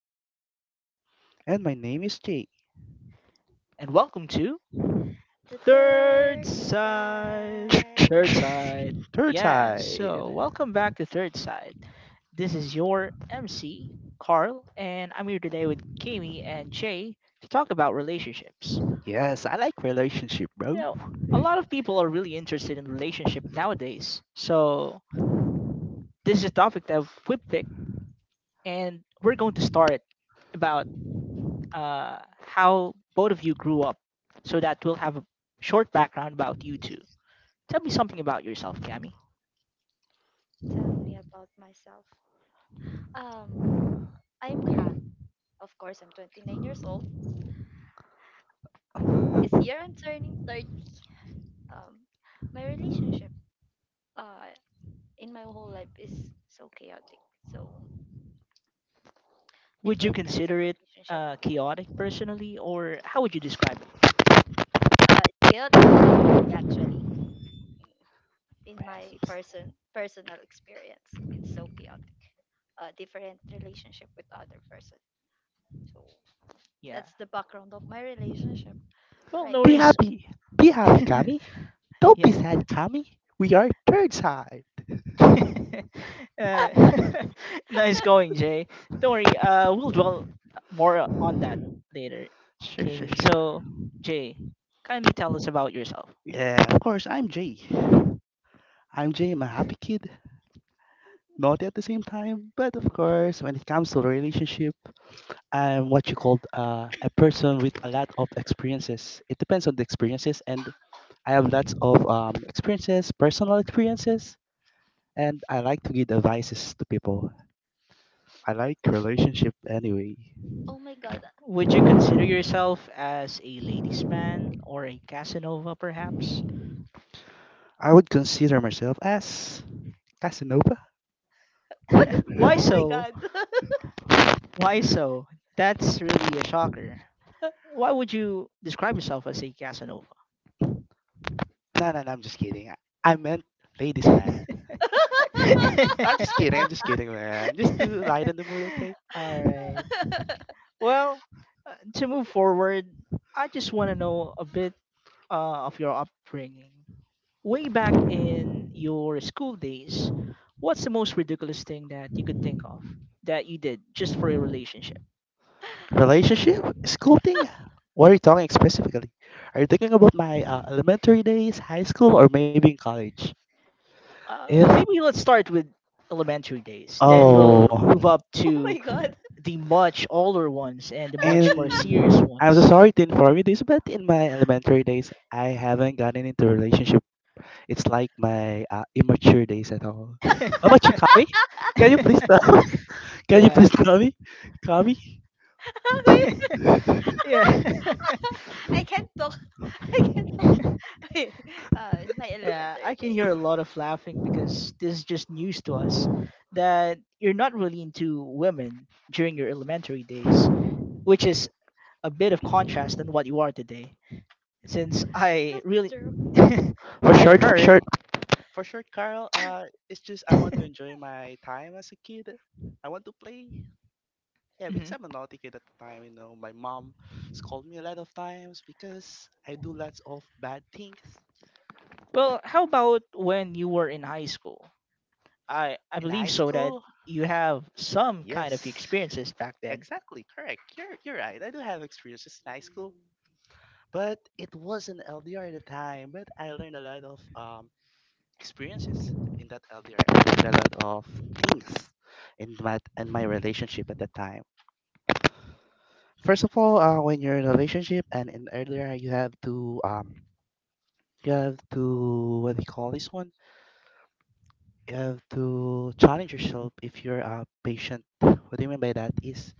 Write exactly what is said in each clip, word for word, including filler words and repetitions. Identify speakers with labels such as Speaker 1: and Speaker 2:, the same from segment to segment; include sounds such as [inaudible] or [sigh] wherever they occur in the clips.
Speaker 1: name is Kami.
Speaker 2: And my name is Jake.
Speaker 3: and welcome to
Speaker 1: The
Speaker 3: Third
Speaker 1: third
Speaker 3: Side.
Speaker 1: side.
Speaker 3: Third Side.
Speaker 2: [laughs] Third
Speaker 3: Yeah,
Speaker 2: side.
Speaker 3: so welcome back to Third Side. This is your M C, Carl, and I'm here today with Kami and Jay to talk about relationships.
Speaker 2: Yes, I like relationship, bro.
Speaker 3: You know, a lot of people are really interested in relationship nowadays, so this is a topic that we picked, and we're going to start about uh, how both of you grew up so that we'll have a short background about you two. Tell me something about yourself, Cami.
Speaker 1: Tell me about myself. Um, I'm Cam. Of course, I'm twenty-nine years old. This year, I'm turning thirty. Um, my relationship uh, in my whole life is so chaotic. So,
Speaker 3: Would you
Speaker 1: different kinds of
Speaker 3: consider it
Speaker 1: relationship.
Speaker 3: uh, chaotic personally, or how would you describe it?
Speaker 1: Uh, chaotic personally, actually. In my person personal experience, it's so chaotic. Uh, different relationship with other person. So,
Speaker 3: Yeah.
Speaker 1: that's the background of my relationship
Speaker 3: Well,
Speaker 1: right
Speaker 3: no
Speaker 2: Be
Speaker 1: now.
Speaker 3: worries.
Speaker 2: happy. Be
Speaker 3: [laughs]
Speaker 2: happy, Kami. Don't be
Speaker 3: yeah.
Speaker 2: sad, Kami. We are third side.
Speaker 3: [laughs] uh, [laughs] nice going, Jay. Don't worry. Uh, we'll dwell more on that later,
Speaker 2: Sure, sure,
Speaker 3: Kami.
Speaker 2: sure.
Speaker 3: So, Jay, kindly tell us about yourself.
Speaker 2: Yeah, of course, I'm Jay. I'm Jay, I'm a happy kid. Naughty at the same time, but of course, when it comes to relationship, I'm what you call uh, a person with a lot of experiences. It depends on the experiences and I have lots of um, experiences, personal experiences, and I like to give advices to people. I like relationship anyway.
Speaker 1: Oh my god.
Speaker 3: Would you
Speaker 1: We're n-
Speaker 3: consider
Speaker 1: [laughs]
Speaker 3: yourself as a ladies' man or a Casanova, perhaps?
Speaker 2: I would consider myself as Casanova.
Speaker 3: [laughs] Why
Speaker 1: Oh my
Speaker 2: [laughs]
Speaker 3: so?
Speaker 1: god.
Speaker 3: Why so? That's really a shocker. Why would you describe yourself as a Casanova?
Speaker 2: No, no, no, I'm just kidding. I I meant ladies man.
Speaker 3: [laughs]
Speaker 1: [laughs]
Speaker 2: [laughs] I'm just kidding. I'm just kidding, man. Just to lighten the mood, okay?
Speaker 3: All right. Well, uh, to move forward, I just want to know a bit uh, of your upbringing. Way back in your school days, what's the most ridiculous thing that you could think of that you did just for a relationship?
Speaker 2: Relationship school thing. What are you talking specifically? Are you thinking about my uh, elementary days, high school, or maybe in college?
Speaker 3: Uh,
Speaker 2: If
Speaker 3: maybe let's start with elementary days. Then
Speaker 2: oh
Speaker 3: we'll move up
Speaker 1: Oh my
Speaker 3: to
Speaker 1: god.
Speaker 3: the much older ones and the much more serious
Speaker 2: And I'm so
Speaker 3: ones.
Speaker 2: sorry to inform you this, but in my elementary days, I haven't gotten into a relationship. It's like my uh, immature days at all. How about you,
Speaker 3: [laughs]
Speaker 1: [laughs]
Speaker 2: Kami? Can you please tell me? [laughs] Can you
Speaker 3: yeah.
Speaker 2: please tell me? Kami?
Speaker 3: [laughs] yeah.
Speaker 1: I can't talk. [laughs] I can't talk.
Speaker 3: [laughs]
Speaker 1: [laughs] Wait. Uh, in my
Speaker 3: Yeah, I
Speaker 1: elementary
Speaker 3: can
Speaker 1: days.
Speaker 3: hear a lot of laughing because this is just news to us that you're not really into women during your elementary days, which is a bit of contrast than what you are today. Since I
Speaker 1: That's
Speaker 3: really,
Speaker 1: true.
Speaker 3: [laughs]
Speaker 2: For
Speaker 3: I've
Speaker 2: short, for
Speaker 3: heard.
Speaker 2: short. For short, Carl, uh, it's just I want to
Speaker 3: [laughs]
Speaker 2: enjoy my time as a kid. I want to play. Yeah, because
Speaker 3: Mhm.
Speaker 2: I'm a naughty kid at the time, you know. My mom scolded me a lot of times because I do lots of bad things
Speaker 3: Well, how about when you were in high school? I I
Speaker 2: in
Speaker 3: believe
Speaker 2: high
Speaker 3: so that
Speaker 2: school.
Speaker 3: you have some kind of
Speaker 2: Yes.
Speaker 3: experiences back then.
Speaker 2: Exactly, correct. You're you're right. I do have experiences in high school, but it wasn't L D R at the time. But I learned a lot of um experiences in that L D R. Learned a lot of things in my in my relationship at that time. First of all, uh, when you're in a relationship and in earlier, you have to um you have to what do you call this one? You have to challenge yourself if you're uh, patient. What do you mean by that? Is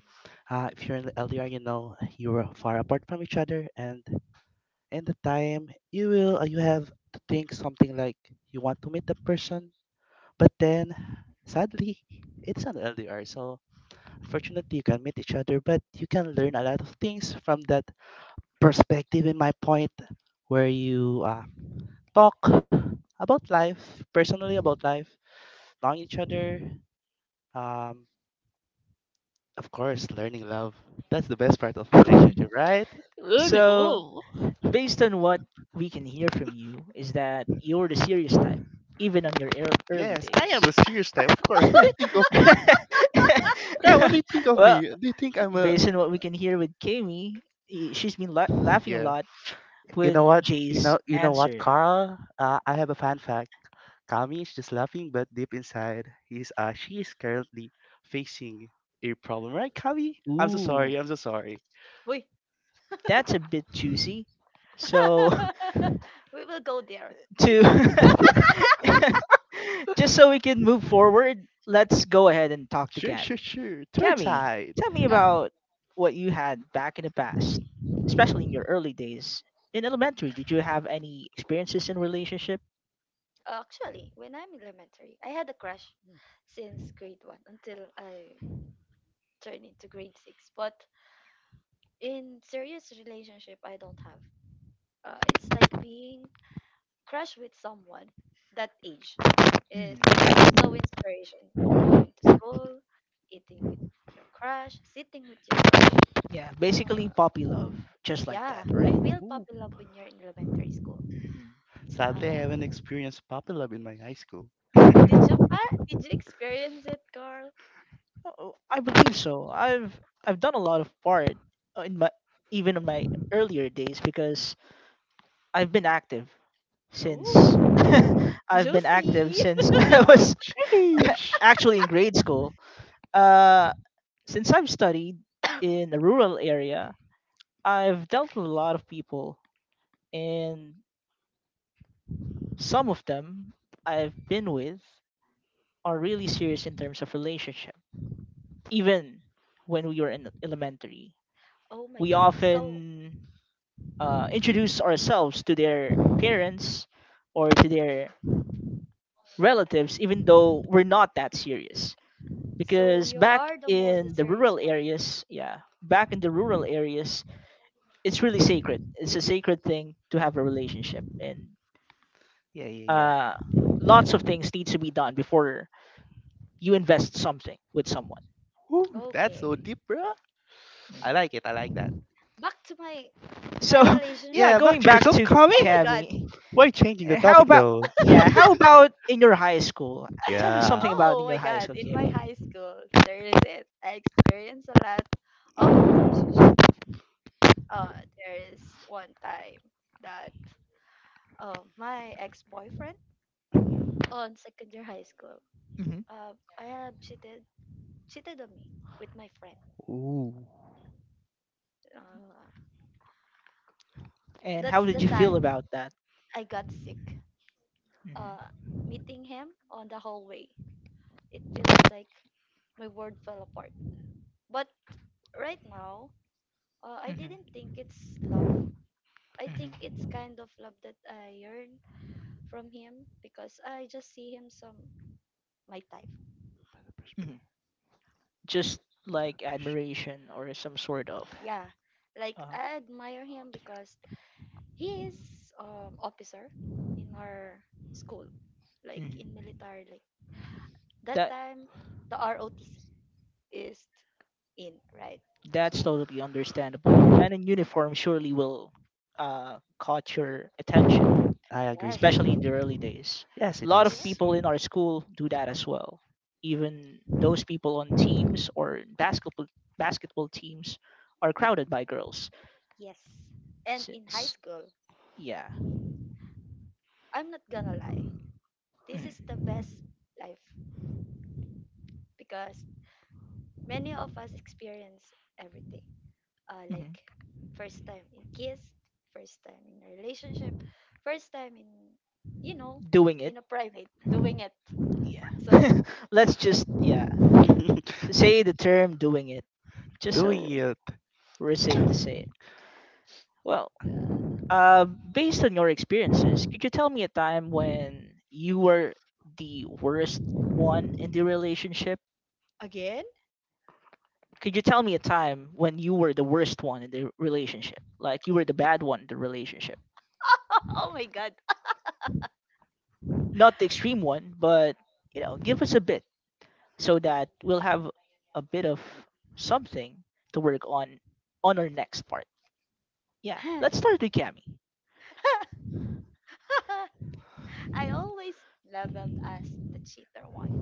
Speaker 2: uh, if you're in L D R, you know you are far apart from each other and and the time you will uh, you have to think something like you want to meet the person, but then sadly it's an L D R. So fortunately you can meet each other, but you can learn a lot of things from that perspective. In my point, where you uh, talk about life, personally about life, knowing each other. Um, of course, learning love. That's the best part of relationship,
Speaker 3: [laughs]
Speaker 2: right?
Speaker 3: So based on what we can hear from you is that you're the serious type even on your ear- early
Speaker 2: Yes, I am
Speaker 3: days.
Speaker 2: a serious type, of course. What do you
Speaker 3: [laughs]
Speaker 2: think of me? Girl, what do you think of
Speaker 3: Well,
Speaker 2: me? Do you think I'm a
Speaker 3: based on what we can hear with Kami, i- she's been la- laughing a
Speaker 2: Yeah.
Speaker 3: lot
Speaker 2: You
Speaker 3: with
Speaker 2: know what? You
Speaker 3: Jay's
Speaker 2: know you know what,
Speaker 3: answer.
Speaker 2: Carl? Uh, I have a fun fact. Kami is just laughing, but deep inside, he's uh she is currently facing a problem, right, Kami? I'm so
Speaker 3: Ooh,
Speaker 2: sorry. I'm so sorry.
Speaker 1: Wait.
Speaker 3: that's a bit juicy. So
Speaker 1: [laughs] We will go there
Speaker 3: [laughs]
Speaker 1: later.
Speaker 3: to [laughs] just so we can move forward, let's go ahead and talk to
Speaker 2: Sure,
Speaker 3: Kami.
Speaker 2: sure, sure. Third
Speaker 3: Cami,
Speaker 2: side.
Speaker 3: tell me
Speaker 1: [laughs] Uh,
Speaker 3: about what you had back in the past, especially in your early days. In elementary, did you have any experiences in relationship?
Speaker 1: Actually, when I'm elementary, I had a crush since grade one until I turn into grade six. But in serious relationship, I don't have. Uh, it's like being crushed with someone that age is
Speaker 3: Mm,
Speaker 1: so inspiration. Going to school, eating with your crush, sitting with your crush.
Speaker 3: yeah, basically
Speaker 1: Uh,
Speaker 3: puppy love, just like
Speaker 1: yeah,
Speaker 3: that,
Speaker 1: you
Speaker 3: right?
Speaker 1: feel
Speaker 2: Ooh.
Speaker 1: puppy love when you're in elementary school.
Speaker 3: Mm.
Speaker 2: Sadly, I
Speaker 1: Uh,
Speaker 2: haven't experienced puppy love in my high school.
Speaker 1: did you
Speaker 3: [laughs]
Speaker 1: ah, did you experience it, Carl?
Speaker 3: Oh, I believe so. I've I've done a lot of part uh, in my even in my earlier days because I've been active since
Speaker 1: Oh,
Speaker 3: [laughs]
Speaker 1: [laughs]
Speaker 3: I've been active
Speaker 1: juicy! [laughs]
Speaker 3: since [laughs] I was
Speaker 2: Sheesh.
Speaker 3: [laughs] actually in grade school. Uh, since I've studied in a rural area, I've dealt with a lot of people, and some of them I've been with are really serious in terms of relationship. Even when we were in elementary,
Speaker 1: Oh my
Speaker 3: we
Speaker 1: God! So
Speaker 3: often uh, introduce ourselves to their parents or to their relatives, even though we're not that serious.
Speaker 1: So
Speaker 3: Because
Speaker 1: you
Speaker 3: back
Speaker 1: are the more the
Speaker 3: in the
Speaker 1: serious
Speaker 3: rural
Speaker 1: one.
Speaker 3: areas, yeah, back in the rural areas, it's really sacred. It's a sacred thing to have a relationship, and
Speaker 2: Yeah, yeah, yeah.
Speaker 3: uh, lots of things need to be done before you invest something with someone.
Speaker 2: Ooh, that's
Speaker 1: Okay.
Speaker 2: so deep, bro. I like it. I like that.
Speaker 1: Back to my
Speaker 3: So
Speaker 1: my
Speaker 3: [laughs] yeah,
Speaker 2: Yeah,
Speaker 1: relationships.
Speaker 2: back
Speaker 3: going
Speaker 2: to
Speaker 3: back
Speaker 2: yourself,
Speaker 3: to
Speaker 2: Kami.
Speaker 1: Oh my god.
Speaker 3: Cami,
Speaker 2: Why changing the
Speaker 3: how
Speaker 2: topic
Speaker 3: about
Speaker 2: though?
Speaker 3: yeah, how about in your high school? Tell me
Speaker 1: [laughs]
Speaker 2: Yeah.
Speaker 3: something about
Speaker 1: Oh
Speaker 3: in
Speaker 1: my
Speaker 3: your high
Speaker 1: god.
Speaker 3: school,
Speaker 1: In my
Speaker 3: Cami.
Speaker 1: high school, there is it. I experienced a lot of relationship. Uh there is one time that uh, my ex-boyfriend on second year high school.
Speaker 3: Hmm.
Speaker 1: Uh, I have cheated cheated on me with my friend.
Speaker 2: Ooh.
Speaker 1: Uh,
Speaker 3: And how
Speaker 1: that's
Speaker 3: did
Speaker 1: the
Speaker 3: you feel
Speaker 1: time
Speaker 3: about that?
Speaker 1: I got sick. Uh,
Speaker 3: Hmm.
Speaker 1: Meeting him on the hallway. It feels like my world fell apart. But right now, uh, I
Speaker 3: Hmm.
Speaker 1: didn't think it's love. I think it's
Speaker 3: Hmm.
Speaker 1: kind of love that I yearn from him because I just see him some my type.
Speaker 3: Hmm. Just like admiration or some sort of
Speaker 1: Yeah, like
Speaker 3: uh,
Speaker 1: I admire him because he is um officer in our school, like in
Speaker 3: mm,
Speaker 1: military. Like that
Speaker 3: that
Speaker 1: time, the R O T C is in right.
Speaker 3: that's
Speaker 1: So
Speaker 3: totally understandable. Men in uniform surely will uh, caught your attention,
Speaker 2: I
Speaker 1: yes.
Speaker 3: especially
Speaker 2: agree.
Speaker 3: in the early days.
Speaker 2: Yes,
Speaker 3: A
Speaker 2: it
Speaker 3: lot of
Speaker 1: Yes.
Speaker 2: is.
Speaker 3: people in our school do that as well. Even those people on teams or basketball basketball teams are crowded by girls.
Speaker 1: Yes. And in high
Speaker 3: Since
Speaker 1: school,
Speaker 3: yeah,
Speaker 1: I'm not gonna lie, this is the
Speaker 3: mhm.
Speaker 1: best life because many of us experience everything. Uh,
Speaker 3: Hmm.
Speaker 1: like, first time in kiss, first time in a relationship, first time in, you know,
Speaker 3: Doing it.
Speaker 1: in a private, doing it.
Speaker 3: Yeah. [laughs]
Speaker 1: So,
Speaker 3: Let's just yeah
Speaker 2: [laughs]
Speaker 3: s- say the term doing it just
Speaker 1: yeah.
Speaker 2: Doing
Speaker 3: so
Speaker 2: it.
Speaker 3: we're safe to say it. Well,
Speaker 1: Uh,
Speaker 3: uh, based on your experiences, could you tell me a time when you were the worst one in the relationship?
Speaker 1: [laughs] Again?
Speaker 3: Could you tell me a time when you were the worst one in the relationship? Like you were the bad one in the relationship,
Speaker 1: Oh my god.
Speaker 3: not the extreme one, but you know, give us a bit. So that we'll have a bit of something to work on on our next part. Yeah, let's start with Cami.
Speaker 1: [laughs] I always leveled as the cheater one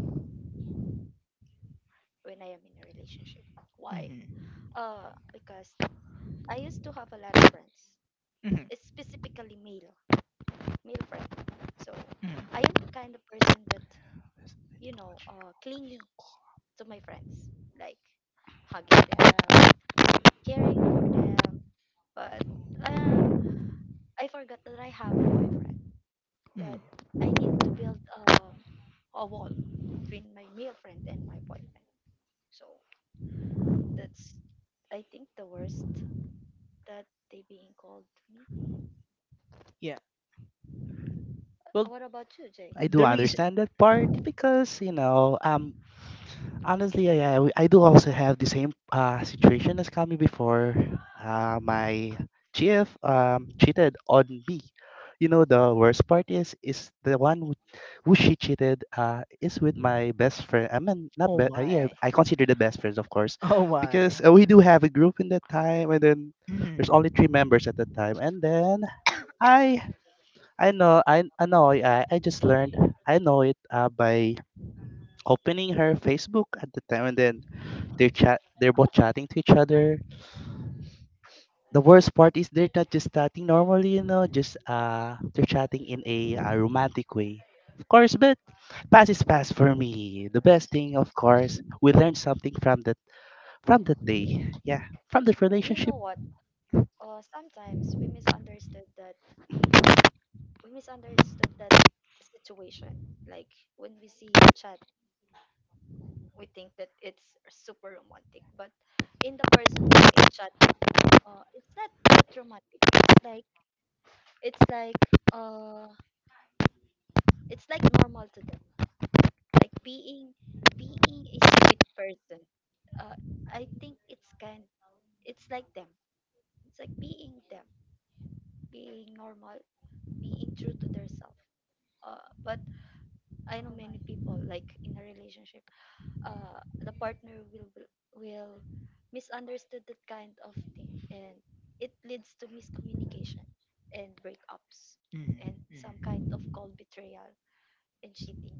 Speaker 1: when I am in a relationship. Why?
Speaker 3: Hmm.
Speaker 1: Uh, because I used to have a lot of friends,
Speaker 3: Hmm.
Speaker 1: it's specifically male, male friend. So I
Speaker 3: Hmm.
Speaker 1: am the kind of person that you know, uh, clingy to my friends, like hugging them, caring for them. But um, I forgot that I have a boyfriend. That
Speaker 3: Hmm.
Speaker 1: I need to build um a wall between my male friend and my boyfriend. So that's, I think, the worst that they being called to me.
Speaker 3: Yeah. Well,
Speaker 1: Uh, What about you, Jay?
Speaker 2: I do
Speaker 3: the reason.
Speaker 2: understand that part because you know um honestly, I, I I do also have the same uh, situation as Kami before. Uh, my G F um, cheated on me. You know, the worst part is is the one who, who she cheated uh, is with my best friend. I mean, not
Speaker 3: Oh
Speaker 2: be- uh, yeah,
Speaker 3: my.
Speaker 2: I consider the best friends, of course,
Speaker 3: Oh
Speaker 2: because
Speaker 3: my.
Speaker 2: uh, we do have a group in that time, and then there's only
Speaker 3: Hmm.
Speaker 2: three members at that time. And then I I know I I know I I just learned I know it uh, by opening her Facebook at the time, and then they're chat. They're both chatting to each other. The worst part is they're not just chatting normally, you know, just uh, they're chatting in a, uh romantic way. Of course, but pass is pass for me. The best thing, of course, we learned something from that from that day. Yeah,
Speaker 1: But
Speaker 2: from that
Speaker 1: you
Speaker 2: relationship.
Speaker 1: know what? Uh, sometimes we misunderstood that we misunderstood that situation. Like when we see the chat, we think that it's super romantic. But in the person who is chatting them, uh, it's not that romantic. It's like it's like uh, it's like normal to them. Like, being being a sweet person, uh, I think it's kind, it's like them it's like being them, being normal, being true to themselves. Uh, but I know many people, like, in a relationship, uh, the partner will be- will misunderstood that kind of thing, and it leads to miscommunication and breakups
Speaker 3: Hmm.
Speaker 1: and
Speaker 3: Hmm.
Speaker 1: some kind of cold betrayal and cheating.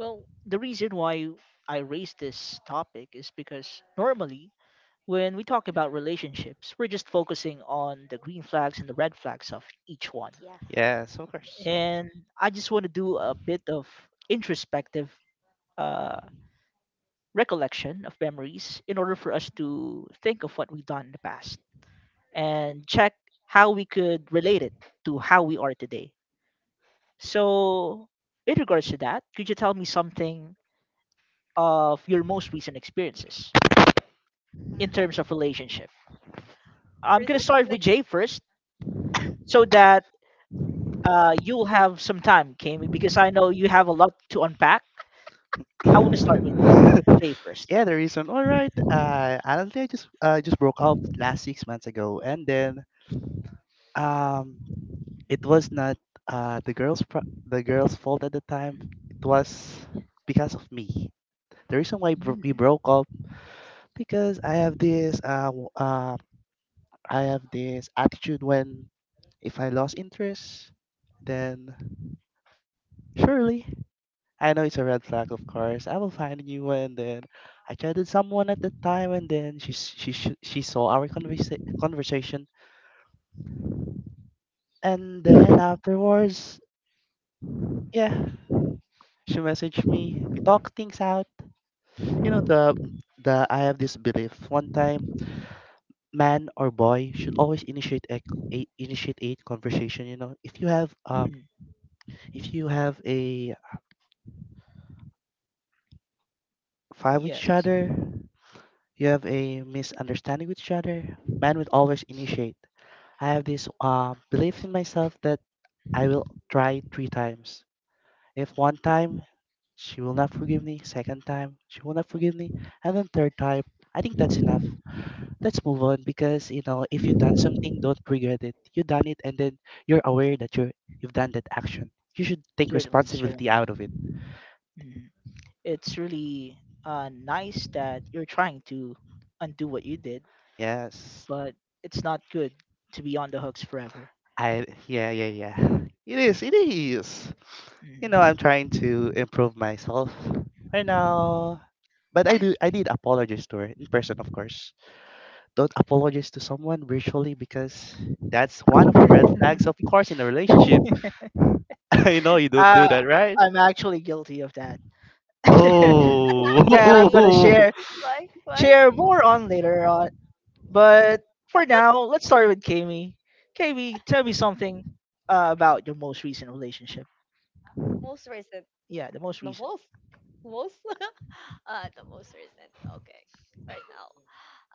Speaker 3: Well, the reason why I raised this topic is because normally when we talk about relationships, we're just focusing on the green flags and the red flags of each one.
Speaker 1: Yeah.
Speaker 2: Yes, of course.
Speaker 3: And I just want to do a bit of introspective uh, recollection of memories in order for us to think of what we've done in the past and check how we could relate it to how we are today. So, in regards to that, could you tell me something of your most recent experiences in terms of relationship? I'm gonna start with Jay first, so that uh, you'll have some time, Kami, because I know you have a lot to unpack. I want to start with Jay first.
Speaker 2: [laughs] yeah, the reason. All right. Uh, honestly, I just uh, just broke up last six months ago, and then um it was not uh, the girls' pro- the girls' fault at the time. It was because of me. The reason why bro- we
Speaker 3: Mm,
Speaker 2: broke up because I have this uh, w- uh I have this attitude when if I lost interest, then surely I know it's a red flag. Of course, I will find a new one. Then I chatted someone at the time, and then she s- she sh- she saw our conversa- conversation, and then afterwards, yeah, she messaged me. We talked things out. You know the the I have this belief. One time, man or boy should always initiate a, a, initiate a conversation. You know, if you have uh,
Speaker 3: mhm.
Speaker 2: if you have a fight with each
Speaker 3: Yes,
Speaker 2: other, you have a misunderstanding with each other. Man will always initiate. I have this uh, belief in myself that I will try three times. If one time she will not forgive me, second time she will not forgive me, and then third time, I think that's enough. Let's move on because you know if you done something don't regret it you done it and then you're aware that you're you've done that action. You should take
Speaker 3: certainly,
Speaker 2: responsibility
Speaker 3: certainly.
Speaker 2: out of it.
Speaker 3: Mhm. It's really uh, nice that you're trying to undo what you did,
Speaker 2: Yes.
Speaker 3: but it's not good to be on the hooks forever.
Speaker 2: I yeah yeah yeah [laughs] it is it is, you know, I'm
Speaker 3: Mhm.
Speaker 2: trying to improve myself right now, but i do i did apologize to her in person. Of course, don't apologize to someone virtually because that's one of the red flags, of course, in a relationship.
Speaker 3: [laughs]
Speaker 2: [laughs] I know you don't do
Speaker 3: uh,
Speaker 2: that, right?
Speaker 3: I'm actually guilty of that. [laughs] That
Speaker 1: [laughs]
Speaker 3: I'm
Speaker 1: Why?
Speaker 3: gonna
Speaker 2: Oh,
Speaker 3: share
Speaker 1: Why? Why?
Speaker 3: share more on later on. But for now, let's start with Kami. Kami, tell me something uh, about your most recent relationship.
Speaker 1: Most recent.
Speaker 3: Yeah, the most
Speaker 1: The
Speaker 3: recent.
Speaker 1: most? Most? [laughs] Uh, the most recent. Okay. Right now,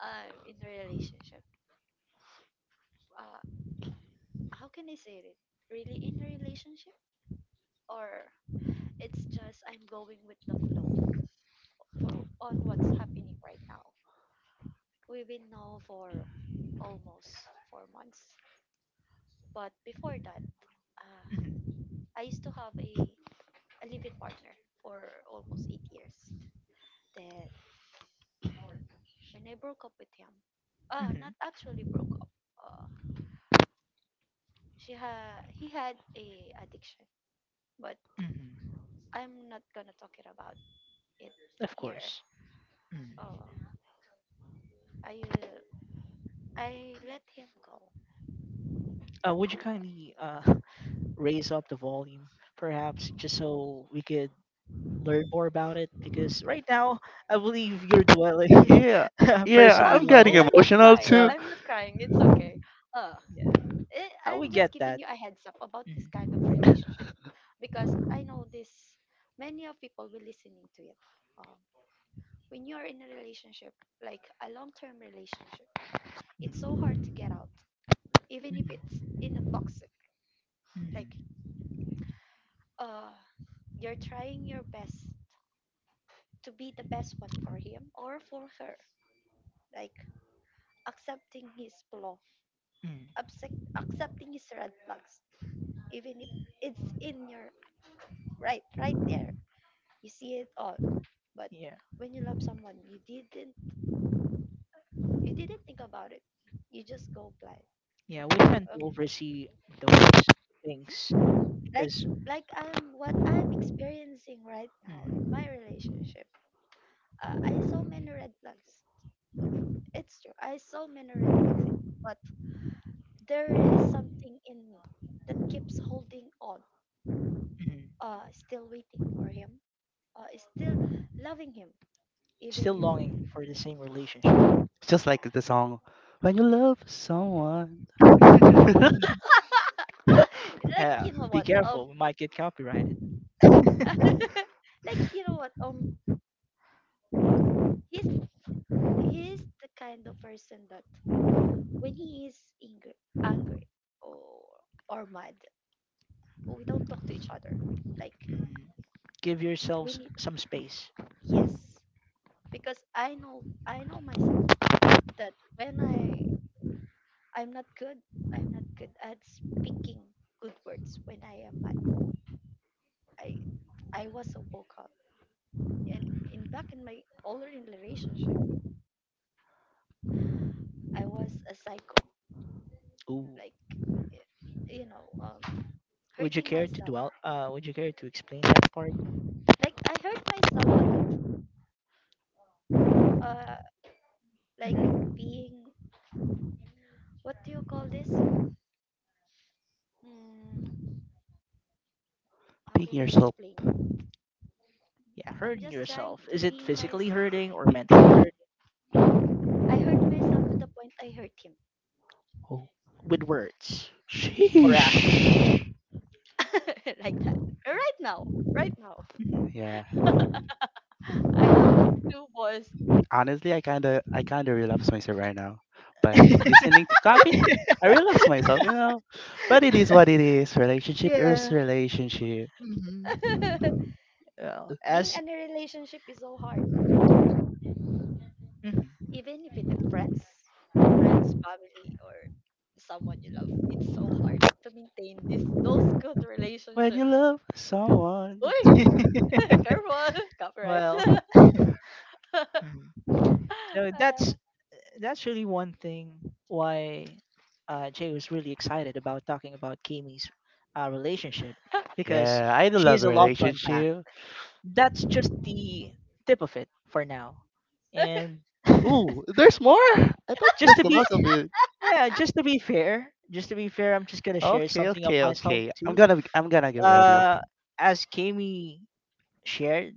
Speaker 1: I'm in a relationship. Uh, how can I say it? Really in a relationship? Or it's just I'm going with the flow for on what's happening right now. We've been now for almost four months. But before that, uh,
Speaker 3: Hmm.
Speaker 1: I used to have a, a living partner for almost eight years. Then when I broke up with him. Uh,
Speaker 3: Hmm.
Speaker 1: not actually broke up. Uh, she ha he had a addiction, but
Speaker 3: Hmm.
Speaker 1: I'm not gonna talk it about it
Speaker 3: Of
Speaker 1: here.
Speaker 3: course. Mm.
Speaker 1: Uh, I uh, I let him go.
Speaker 3: Uh, would
Speaker 1: Uh,
Speaker 3: you kindly uh, [laughs] raise up the volume, perhaps, just so we could learn more about it? Because right now, I believe you're dwelling
Speaker 2: [laughs] yeah,
Speaker 3: [laughs]
Speaker 2: yeah.
Speaker 1: ah,
Speaker 3: personally
Speaker 2: I'm
Speaker 3: on
Speaker 2: getting
Speaker 1: no,
Speaker 3: it.
Speaker 1: I'm not
Speaker 2: emotional
Speaker 1: crying.
Speaker 2: too.
Speaker 3: So,
Speaker 1: I'm not crying. It's okay. Uh,
Speaker 3: yeah,
Speaker 1: eh,
Speaker 3: uh, we
Speaker 1: I'm
Speaker 3: get
Speaker 1: just giving
Speaker 3: that.
Speaker 1: you a heads up about this
Speaker 3: Mhm,
Speaker 1: kind of relationship because I know this. Many of people will listening to it. Um, when you are in a relationship, like a long-term relationship, it's so hard
Speaker 3: mhm,
Speaker 1: to get out, even if it's in a
Speaker 3: mhm,
Speaker 1: toxic. Like,
Speaker 3: mhm,
Speaker 1: uh, you're trying your best to be the best one for him or for her. Like, accepting his flaw,
Speaker 3: mhm.
Speaker 1: accept, accepting his red flags, even if it's in your right, right there. You see it all. But
Speaker 3: Yeah.
Speaker 1: when you love someone, you didn't, you didn't think about it. You just go blind.
Speaker 3: Yeah, we tend to
Speaker 1: Um,
Speaker 3: oversee those things
Speaker 1: like,
Speaker 3: because
Speaker 1: like I'm what I'm experiencing right now in
Speaker 3: mhm,
Speaker 1: my relationship. uh, I saw many red flags. It's true. I saw many red flags, eh, but there is something in me that keeps holding on,
Speaker 3: mhm,
Speaker 1: uh, still waiting for him, uh, still loving him,
Speaker 3: still
Speaker 1: even if,
Speaker 3: longing for the same relationship.
Speaker 2: Just like the
Speaker 1: yeah.
Speaker 2: song, "When You Love Someone, [laughs]
Speaker 3: [laughs]
Speaker 1: [laughs] Like,
Speaker 3: Yeah,
Speaker 1: you know
Speaker 3: be
Speaker 1: what? Um,
Speaker 3: careful, we might get copyrighted. [laughs]
Speaker 1: [laughs] like, you know what? Um, he's, he's the kind of person that when he is angry, angry or, or mad, we don't talk to each other. Like,
Speaker 3: Mhm. Give
Speaker 1: we
Speaker 3: yourselves
Speaker 1: need.
Speaker 3: some space.
Speaker 1: Yes, because i know i know myself, that when i i'm not good, i'm not good at speaking good words when I am mad. I i was a vocal, and in back in my older relationship, I was a psycho.
Speaker 3: Ooh.
Speaker 1: Like, y- you know um
Speaker 3: Would you
Speaker 1: hurting
Speaker 3: care to
Speaker 1: myself.
Speaker 3: dwell? Uh, would you care to explain that part?
Speaker 1: Like, I hurt myself a lot. uh like,
Speaker 3: Hmm.
Speaker 1: being, what do you call this? Hmm, how
Speaker 2: Being
Speaker 1: can I
Speaker 2: Yourself."
Speaker 1: explain?
Speaker 3: Yeah,
Speaker 1: I'm
Speaker 3: hurting
Speaker 1: just trying
Speaker 3: yourself.
Speaker 1: to
Speaker 3: Is it
Speaker 1: be
Speaker 3: physically
Speaker 1: myself.
Speaker 3: hurting or mentally hurting
Speaker 1: I hurt myself to the point I hurt him.
Speaker 2: Oh,
Speaker 3: with words or
Speaker 2: sheesh.
Speaker 3: action?
Speaker 1: [laughs] Like that. Right now. Right now.
Speaker 3: Mhm.
Speaker 2: Yeah.
Speaker 1: [laughs] I have two boys.
Speaker 2: Honestly, I kinda, I kinda relapse myself right now by listening to copy. I relapse myself, you know. But it is what it is. Relationship is
Speaker 3: Yeah.
Speaker 2: relationship.
Speaker 1: [laughs]
Speaker 3: Well,
Speaker 1: Being
Speaker 3: as
Speaker 1: in a relationship is so hard, really.
Speaker 3: mhm.
Speaker 1: Even if it's friends, friends, family, or someone you love, it's so hard to maintain this those good
Speaker 2: When
Speaker 1: relationship.
Speaker 2: you love someone.
Speaker 1: Uy! [laughs]
Speaker 3: [laughs]
Speaker 1: Careful! Copyright.
Speaker 3: Well,
Speaker 1: [laughs]
Speaker 3: mhm. So
Speaker 1: Uh,
Speaker 3: that's that's really one thing why uh, Jay was really excited about talking about Kimi's uh, relationship because
Speaker 2: Yeah, I do
Speaker 3: she
Speaker 2: love
Speaker 3: has
Speaker 2: a
Speaker 3: a lot to unpack.
Speaker 2: relationship.
Speaker 3: That's just the tip of it for now,
Speaker 1: [laughs]
Speaker 3: and [laughs]
Speaker 2: Ooh, there's more? I thought
Speaker 3: just
Speaker 2: that's
Speaker 3: to
Speaker 2: the
Speaker 3: be
Speaker 2: most of it.
Speaker 3: yeah, just to be fair, just to be fair, I'm just gonna share
Speaker 2: Okay,
Speaker 3: something of
Speaker 2: okay,
Speaker 3: myself
Speaker 2: okay. I'm
Speaker 3: too.
Speaker 2: gonna be, I'm gonna get ready.
Speaker 3: Uh,
Speaker 2: Okay.
Speaker 3: as Kimi shared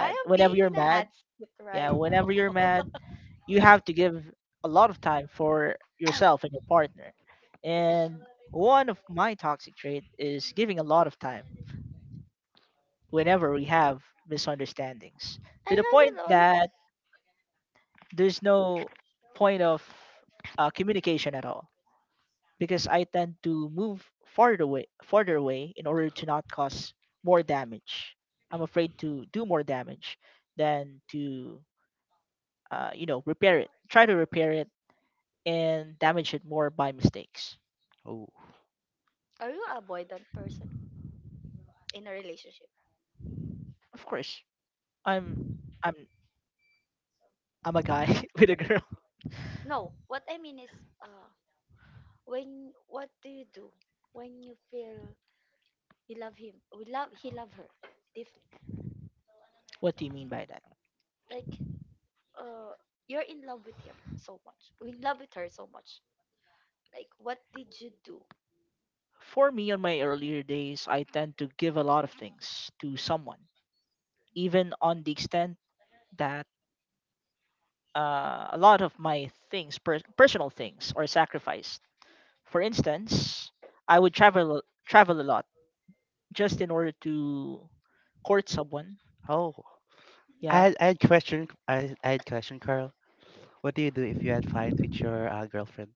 Speaker 1: I am
Speaker 3: whenever
Speaker 1: being
Speaker 3: you're
Speaker 1: in a
Speaker 3: mad,
Speaker 1: hat seat right
Speaker 3: yeah,
Speaker 1: now.
Speaker 3: whenever you're mad,
Speaker 1: [laughs]
Speaker 3: you have to give a lot of time for yourself and your partner. And one of my toxic trait is giving a lot of time whenever we have misunderstandings
Speaker 1: I
Speaker 3: to the point
Speaker 1: have it all.
Speaker 3: that there's no point of uh, communication at all because I tend to move farther away, farther away in order to not cause more damage. I'm afraid to do more damage than to, uh, you know, repair it. Try to repair it and damage it more by mistakes.
Speaker 2: Oh,
Speaker 1: Are you a avoidant person in a relationship?
Speaker 3: Of course, I'm I'm I'm a guy [laughs] with a girl.
Speaker 1: No. What I mean is, uh, when what do you do when you feel you love him? We love he love her. If
Speaker 3: What do you mean by that?
Speaker 1: like uh, you're in love with him so much, you in love with her so much. Like, what did you do?
Speaker 3: For me, on my earlier days, I tend to give a lot of things to someone, even on the extent that uh, a lot of my things, per- personal things, are sacrificed. For instance, I would travel travel a lot just in order to court someone.
Speaker 2: oh. I
Speaker 3: Yeah,
Speaker 2: had, I had question. I, I had question, Carl. What do you do if you had fight with your uh, girlfriend?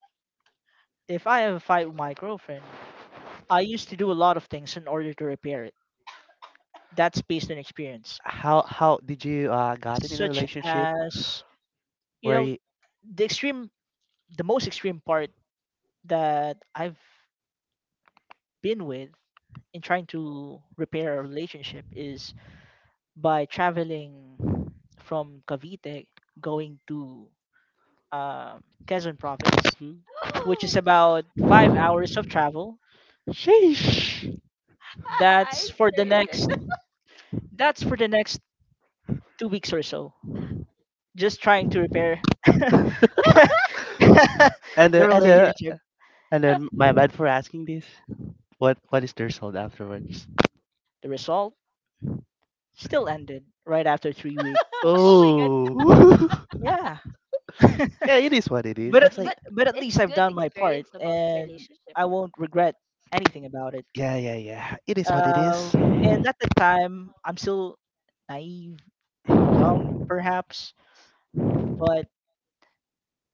Speaker 3: if I have a fight with my girlfriend, I used to do a lot of things in order to repair it. That's based on experience.
Speaker 2: How how did you uh got it in a
Speaker 3: Such
Speaker 2: relationship
Speaker 3: as you
Speaker 2: where
Speaker 3: know
Speaker 2: you?
Speaker 3: the extreme the most extreme part that I've been with in trying to repair a relationship is by traveling from Cavite going to uh, Quezon province,
Speaker 2: Mhm.
Speaker 3: which
Speaker 1: Oh,
Speaker 3: is about five hours of travel.
Speaker 2: Sheesh.
Speaker 1: [laughs] I
Speaker 3: That's for the
Speaker 1: experienced
Speaker 3: next
Speaker 1: it.
Speaker 3: that's for the next two weeks or so. Just trying to repair [laughs] the
Speaker 2: And uh, and uh,
Speaker 3: relationship.
Speaker 2: and then my bad
Speaker 1: [laughs]
Speaker 2: for asking this. What what is the result afterwards?
Speaker 3: The result still ended right after three
Speaker 1: Oh
Speaker 3: weeks.
Speaker 1: my god!
Speaker 2: Oh.
Speaker 3: Yeah,
Speaker 2: [laughs] yeah, it is what it is.
Speaker 3: but
Speaker 2: I
Speaker 3: at
Speaker 2: say.
Speaker 1: But
Speaker 3: le- but at least
Speaker 1: it's
Speaker 3: I've
Speaker 1: good
Speaker 3: done my part,
Speaker 1: experience about
Speaker 3: and
Speaker 1: relationship.
Speaker 3: I won't regret anything about it.
Speaker 2: Yeah, yeah, yeah. It is what it
Speaker 3: Um,
Speaker 2: is.
Speaker 3: and at the time, I'm still naive, dumb, perhaps, but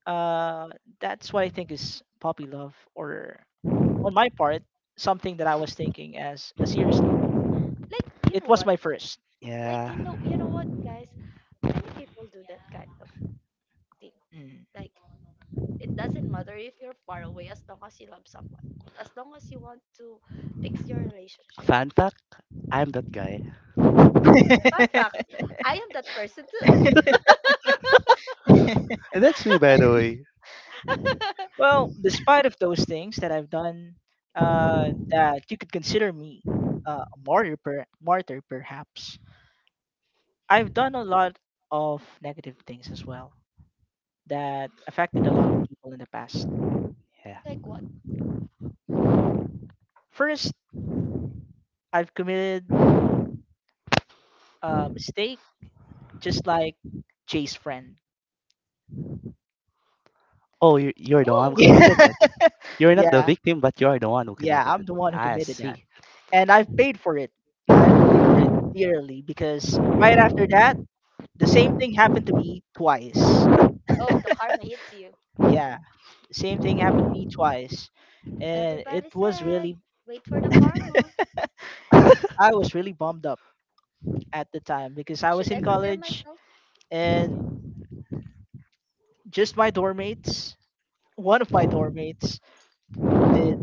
Speaker 3: uh, that's what I think is puppy love, or on my part, something that I was thinking as a serious.
Speaker 1: Like, you
Speaker 3: It
Speaker 1: know
Speaker 3: was
Speaker 1: what,
Speaker 3: my first.
Speaker 1: like,
Speaker 2: Yeah.
Speaker 1: you know you know what, guys, many people do that kind of thing. Like, it doesn't matter if you're far away, as long as you love someone, as long as you want to fix your relationship.
Speaker 2: Fan fact, I'm that guy. And
Speaker 1: Fun fact,
Speaker 3: Mm.
Speaker 1: I am that person too.
Speaker 3: [laughs]
Speaker 2: that's me, by the way.
Speaker 1: [laughs]
Speaker 3: Well, despite of those things that I've done, uh, that you could consider me uh, a martyr, per- martyr perhaps. I've done a lot of negative things as well that affected a lot of people in the past.
Speaker 2: Yeah.
Speaker 1: Like what?
Speaker 3: First, I've committed a mistake, just like Jay's friend.
Speaker 2: Oh, you, you're the one who
Speaker 1: Oh,
Speaker 2: committed it.
Speaker 3: [laughs] Yeah,
Speaker 2: You're not the
Speaker 3: yeah,
Speaker 2: victim, but you're the one who
Speaker 3: yeah.
Speaker 2: committed
Speaker 3: I'm
Speaker 2: it.
Speaker 3: the one who
Speaker 2: I
Speaker 3: committed that,
Speaker 2: see.
Speaker 3: and I've paid for it. I've paid for it dearly because right after that, the same thing happened to me twice.
Speaker 1: oh, the karma hits you.
Speaker 3: Yeah. Same thing happened to me twice, and
Speaker 1: Everybody
Speaker 3: it was
Speaker 1: said
Speaker 3: really
Speaker 1: wait for the karma.
Speaker 2: [laughs]
Speaker 3: I was really bummed up at the time because I was
Speaker 1: Should
Speaker 3: in
Speaker 1: I prepare
Speaker 3: college
Speaker 1: myself?
Speaker 3: and just my dorm mates, one of my dorm mates did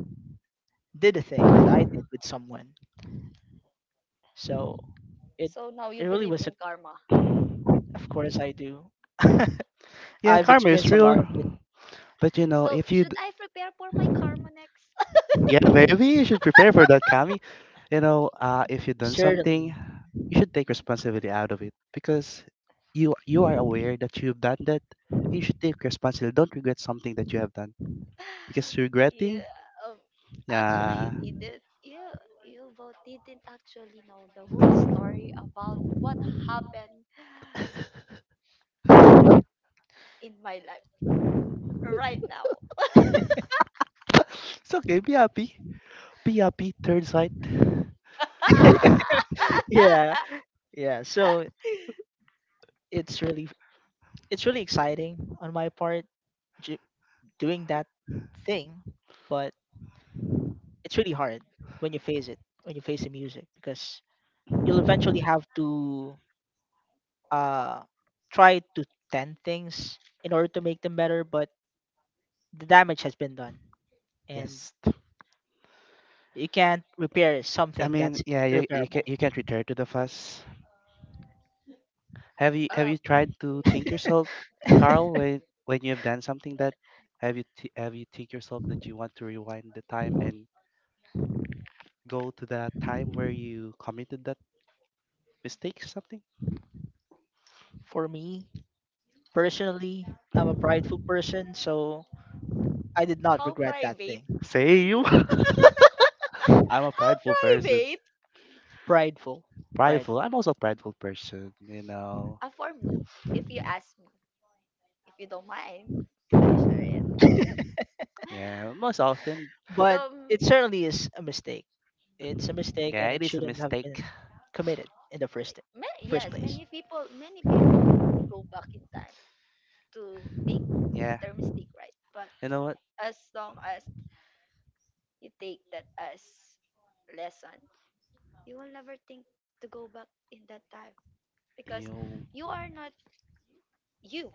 Speaker 3: did a thing that I did with someone. So it
Speaker 1: So now you
Speaker 3: it really
Speaker 1: believe
Speaker 3: was a,
Speaker 1: in karma.
Speaker 3: of course I do. [laughs]
Speaker 2: yeah,
Speaker 3: I've
Speaker 2: karma is
Speaker 3: experienced a lot of
Speaker 1: [laughs]
Speaker 3: it
Speaker 2: real. But you know,
Speaker 1: So
Speaker 2: if you,
Speaker 1: should
Speaker 2: d-
Speaker 1: I prepare for my karma next?
Speaker 2: yeah, maybe you should prepare for that, Kami. You know, uh, if you've done something,
Speaker 3: certainly.
Speaker 2: you should take responsibility out of it because you you are aware that you've done that. You should take responsibility. Don't regret something that you have done because
Speaker 1: [laughs]
Speaker 2: regretting,
Speaker 1: Yeah, um, actually, you
Speaker 2: yeah,
Speaker 1: didn't. Yeah, you both didn't actually know the whole story about what happened [sighs] in my life right now.
Speaker 2: [laughs] it's okay. Be happy. Be third sight.
Speaker 1: [laughs]
Speaker 3: [laughs] Yeah, yeah, so it's really it's really exciting on my part, ju- doing that thing, but it's really hard when you face it, when you face the music, because you'll eventually have to uh try to tend things in order to make them better, but the damage has been done, and
Speaker 2: Yes.
Speaker 3: you can't repair
Speaker 2: I
Speaker 3: something
Speaker 2: mean,
Speaker 3: that's
Speaker 2: yeah, you, you can
Speaker 3: irreparable.
Speaker 2: you can't return to the fuss. Have you have
Speaker 1: uh,
Speaker 2: you tried to think yourself, Carl,
Speaker 3: [laughs]
Speaker 2: when when you have done something that have you th- have you think yourself that you want to rewind the time and go to the time where you committed that mistake or something?
Speaker 3: For me personally, I'm a prideful person, so I did not
Speaker 1: how
Speaker 3: regret that
Speaker 1: private?
Speaker 3: thing.
Speaker 2: Say you. [laughs] I'm a
Speaker 1: How
Speaker 2: prideful person.
Speaker 1: private?
Speaker 3: Prideful,
Speaker 2: Prideful.
Speaker 3: prideful,
Speaker 2: I'm also a prideful person, you know.
Speaker 1: Uh, for me, if you ask me, if you don't mind, I share it.
Speaker 2: Yeah, most
Speaker 1: Um,
Speaker 2: often,
Speaker 1: [sighs] the
Speaker 3: but
Speaker 1: m-
Speaker 3: it certainly is a mistake. It's a mistake
Speaker 2: yeah,
Speaker 3: and
Speaker 2: it
Speaker 3: it
Speaker 2: is a
Speaker 3: shouldn't have
Speaker 2: mistake.
Speaker 3: been committed in the first
Speaker 1: like, ma-
Speaker 3: first
Speaker 1: yes,
Speaker 3: place.
Speaker 1: many people, many people will go back in time to make
Speaker 2: Yeah.
Speaker 1: their mistake, right? But
Speaker 2: You know what?
Speaker 1: as long as you take that as lesson, you will never think to go back in that time because
Speaker 2: You,
Speaker 1: you are not you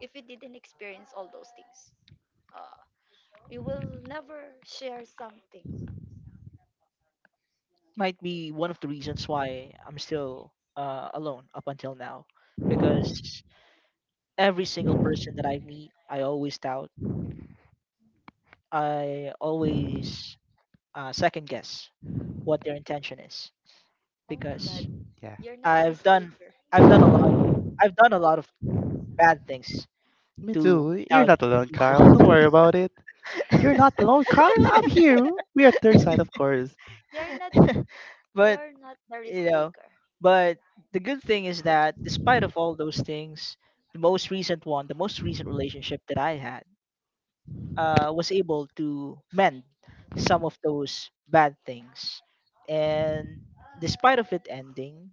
Speaker 1: if you didn't experience all those things. Uh, you will never share something.
Speaker 3: Might be one of the reasons why I'm still uh, alone up until now, because every single person that I meet, I always doubt. I always, uh, second guess what their intention is,
Speaker 1: Oh my God,
Speaker 3: because
Speaker 2: yeah,
Speaker 1: you're not
Speaker 3: I've
Speaker 1: risk
Speaker 3: done
Speaker 1: taker.
Speaker 3: I've done a lot, I've done a lot of bad things
Speaker 2: me
Speaker 3: to
Speaker 2: too. You're
Speaker 3: doubt
Speaker 2: not alone,
Speaker 3: people.
Speaker 2: Carl. Don't worry about it. You're
Speaker 3: [laughs]
Speaker 2: not alone, Carl. I'm here. We are third side, of course.
Speaker 1: You're not.
Speaker 3: [laughs] But
Speaker 1: You're not the
Speaker 3: you
Speaker 1: risk
Speaker 3: know,
Speaker 1: taker.
Speaker 3: but the good thing is that despite of all those things, the most recent one, the most recent relationship that I had, uh, was able to mend some of those bad things, and despite of it ending,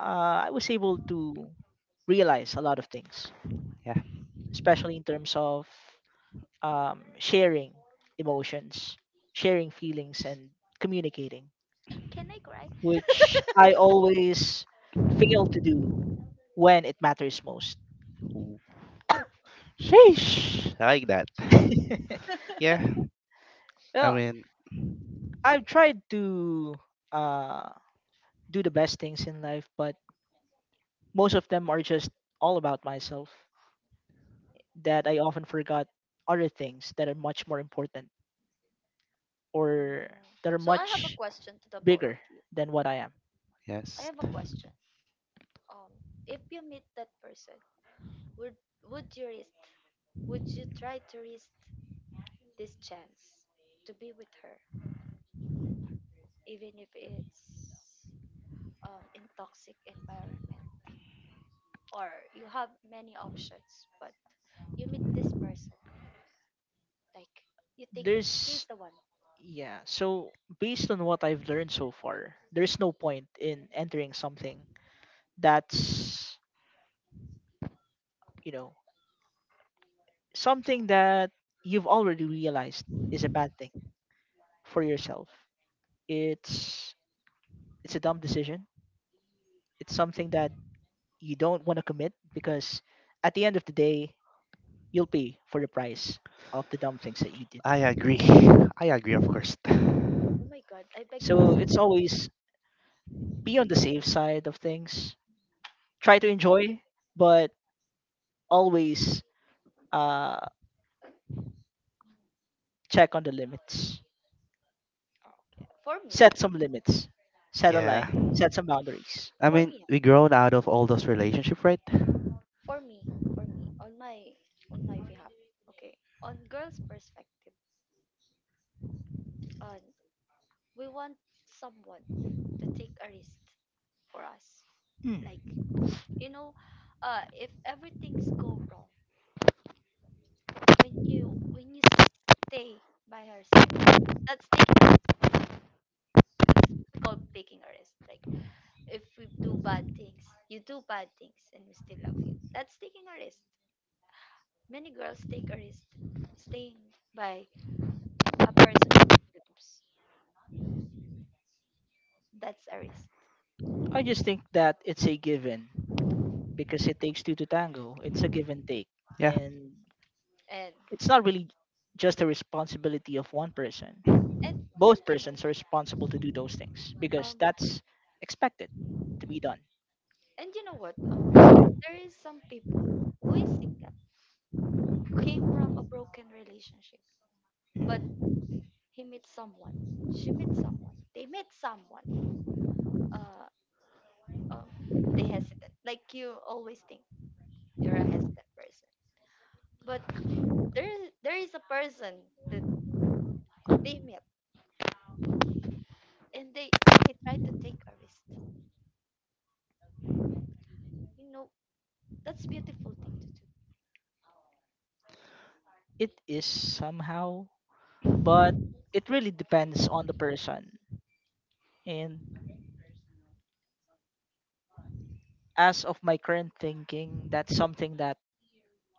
Speaker 3: uh, I was able to realize a lot of things,
Speaker 2: Yeah.
Speaker 3: especially in terms of, um, sharing emotions, sharing feelings, and communicating,
Speaker 1: Can I cry?
Speaker 3: which I always fail to do when it matters most.
Speaker 2: Ooh. Sheesh. I like that.
Speaker 3: [laughs]
Speaker 2: Yeah. I
Speaker 3: Well,
Speaker 2: mean,
Speaker 3: I've tried to uh, do the best things in life, but most of them are just all about myself, that I often forgot other things that are much more important, or
Speaker 1: No.
Speaker 3: that are
Speaker 1: So I have a
Speaker 3: much
Speaker 1: question to the both of
Speaker 3: bigger
Speaker 1: you.
Speaker 3: than what I am.
Speaker 1: I
Speaker 2: yes.
Speaker 1: have a question. Um, if you meet that person, would would you risk? Would you try to risk this chance to be with her, even if it's um, in toxic environment, or you have many options, but you meet this person, like you think she's
Speaker 3: There's,
Speaker 1: the one.
Speaker 3: yeah, so based on what I've learned so far, there's no point in entering something that's, you know, something that you've already realized is a bad thing for yourself. It's it's a dumb decision. It's something that you don't want to commit because at the end of the day, you'll pay for the price of the dumb things that you did.
Speaker 2: I agree. I agree, of course.
Speaker 1: Oh my God, I beg to
Speaker 3: So it's
Speaker 1: disagree.
Speaker 3: always be on the safe side of things. Try to enjoy, but always, uh, check on the limits.
Speaker 1: Okay. For me,
Speaker 3: Set some limits. Set a
Speaker 2: Yeah.
Speaker 3: line. Set some boundaries.
Speaker 2: I
Speaker 1: for
Speaker 2: mean,
Speaker 1: me,
Speaker 2: we
Speaker 1: ah.
Speaker 2: grown out of all those relationships, right?
Speaker 1: for me, for me, on my on my behalf. Okay. On girls' perspective, on we want someone to take a risk for us.
Speaker 3: Mm.
Speaker 1: Like, you know, uh, if everything's go wrong, when you when you stay by her side, that's taking a risk. That's called taking a risk. Like, if we do bad things, you do bad things, and we still love you. That's taking a risk. Many girls take a risk staying by a person in groups. That's a risk.
Speaker 3: I just think that it's a given because it takes two to tango. It's a give and take.
Speaker 2: Yeah.
Speaker 3: And
Speaker 1: And
Speaker 3: it's not really just a responsibility of one person.
Speaker 1: and and
Speaker 3: Both
Speaker 1: you know,
Speaker 3: persons are responsible to do those things because
Speaker 1: um
Speaker 3: that's expected to
Speaker 1: mm,
Speaker 3: be done.
Speaker 1: and you know what? Um there is some people who is single,
Speaker 3: Mm.
Speaker 1: came from a broken relationship, but he met someone. She met someone. They met someone. uh, um, they hesitant. Like, you always think you're a hesitant person, but there is- there is a person that they met, and they they try to take a risk. You know, that's a beautiful thing to do.
Speaker 3: It is somehow, but it really depends on the person. And as of my current thinking, that's something that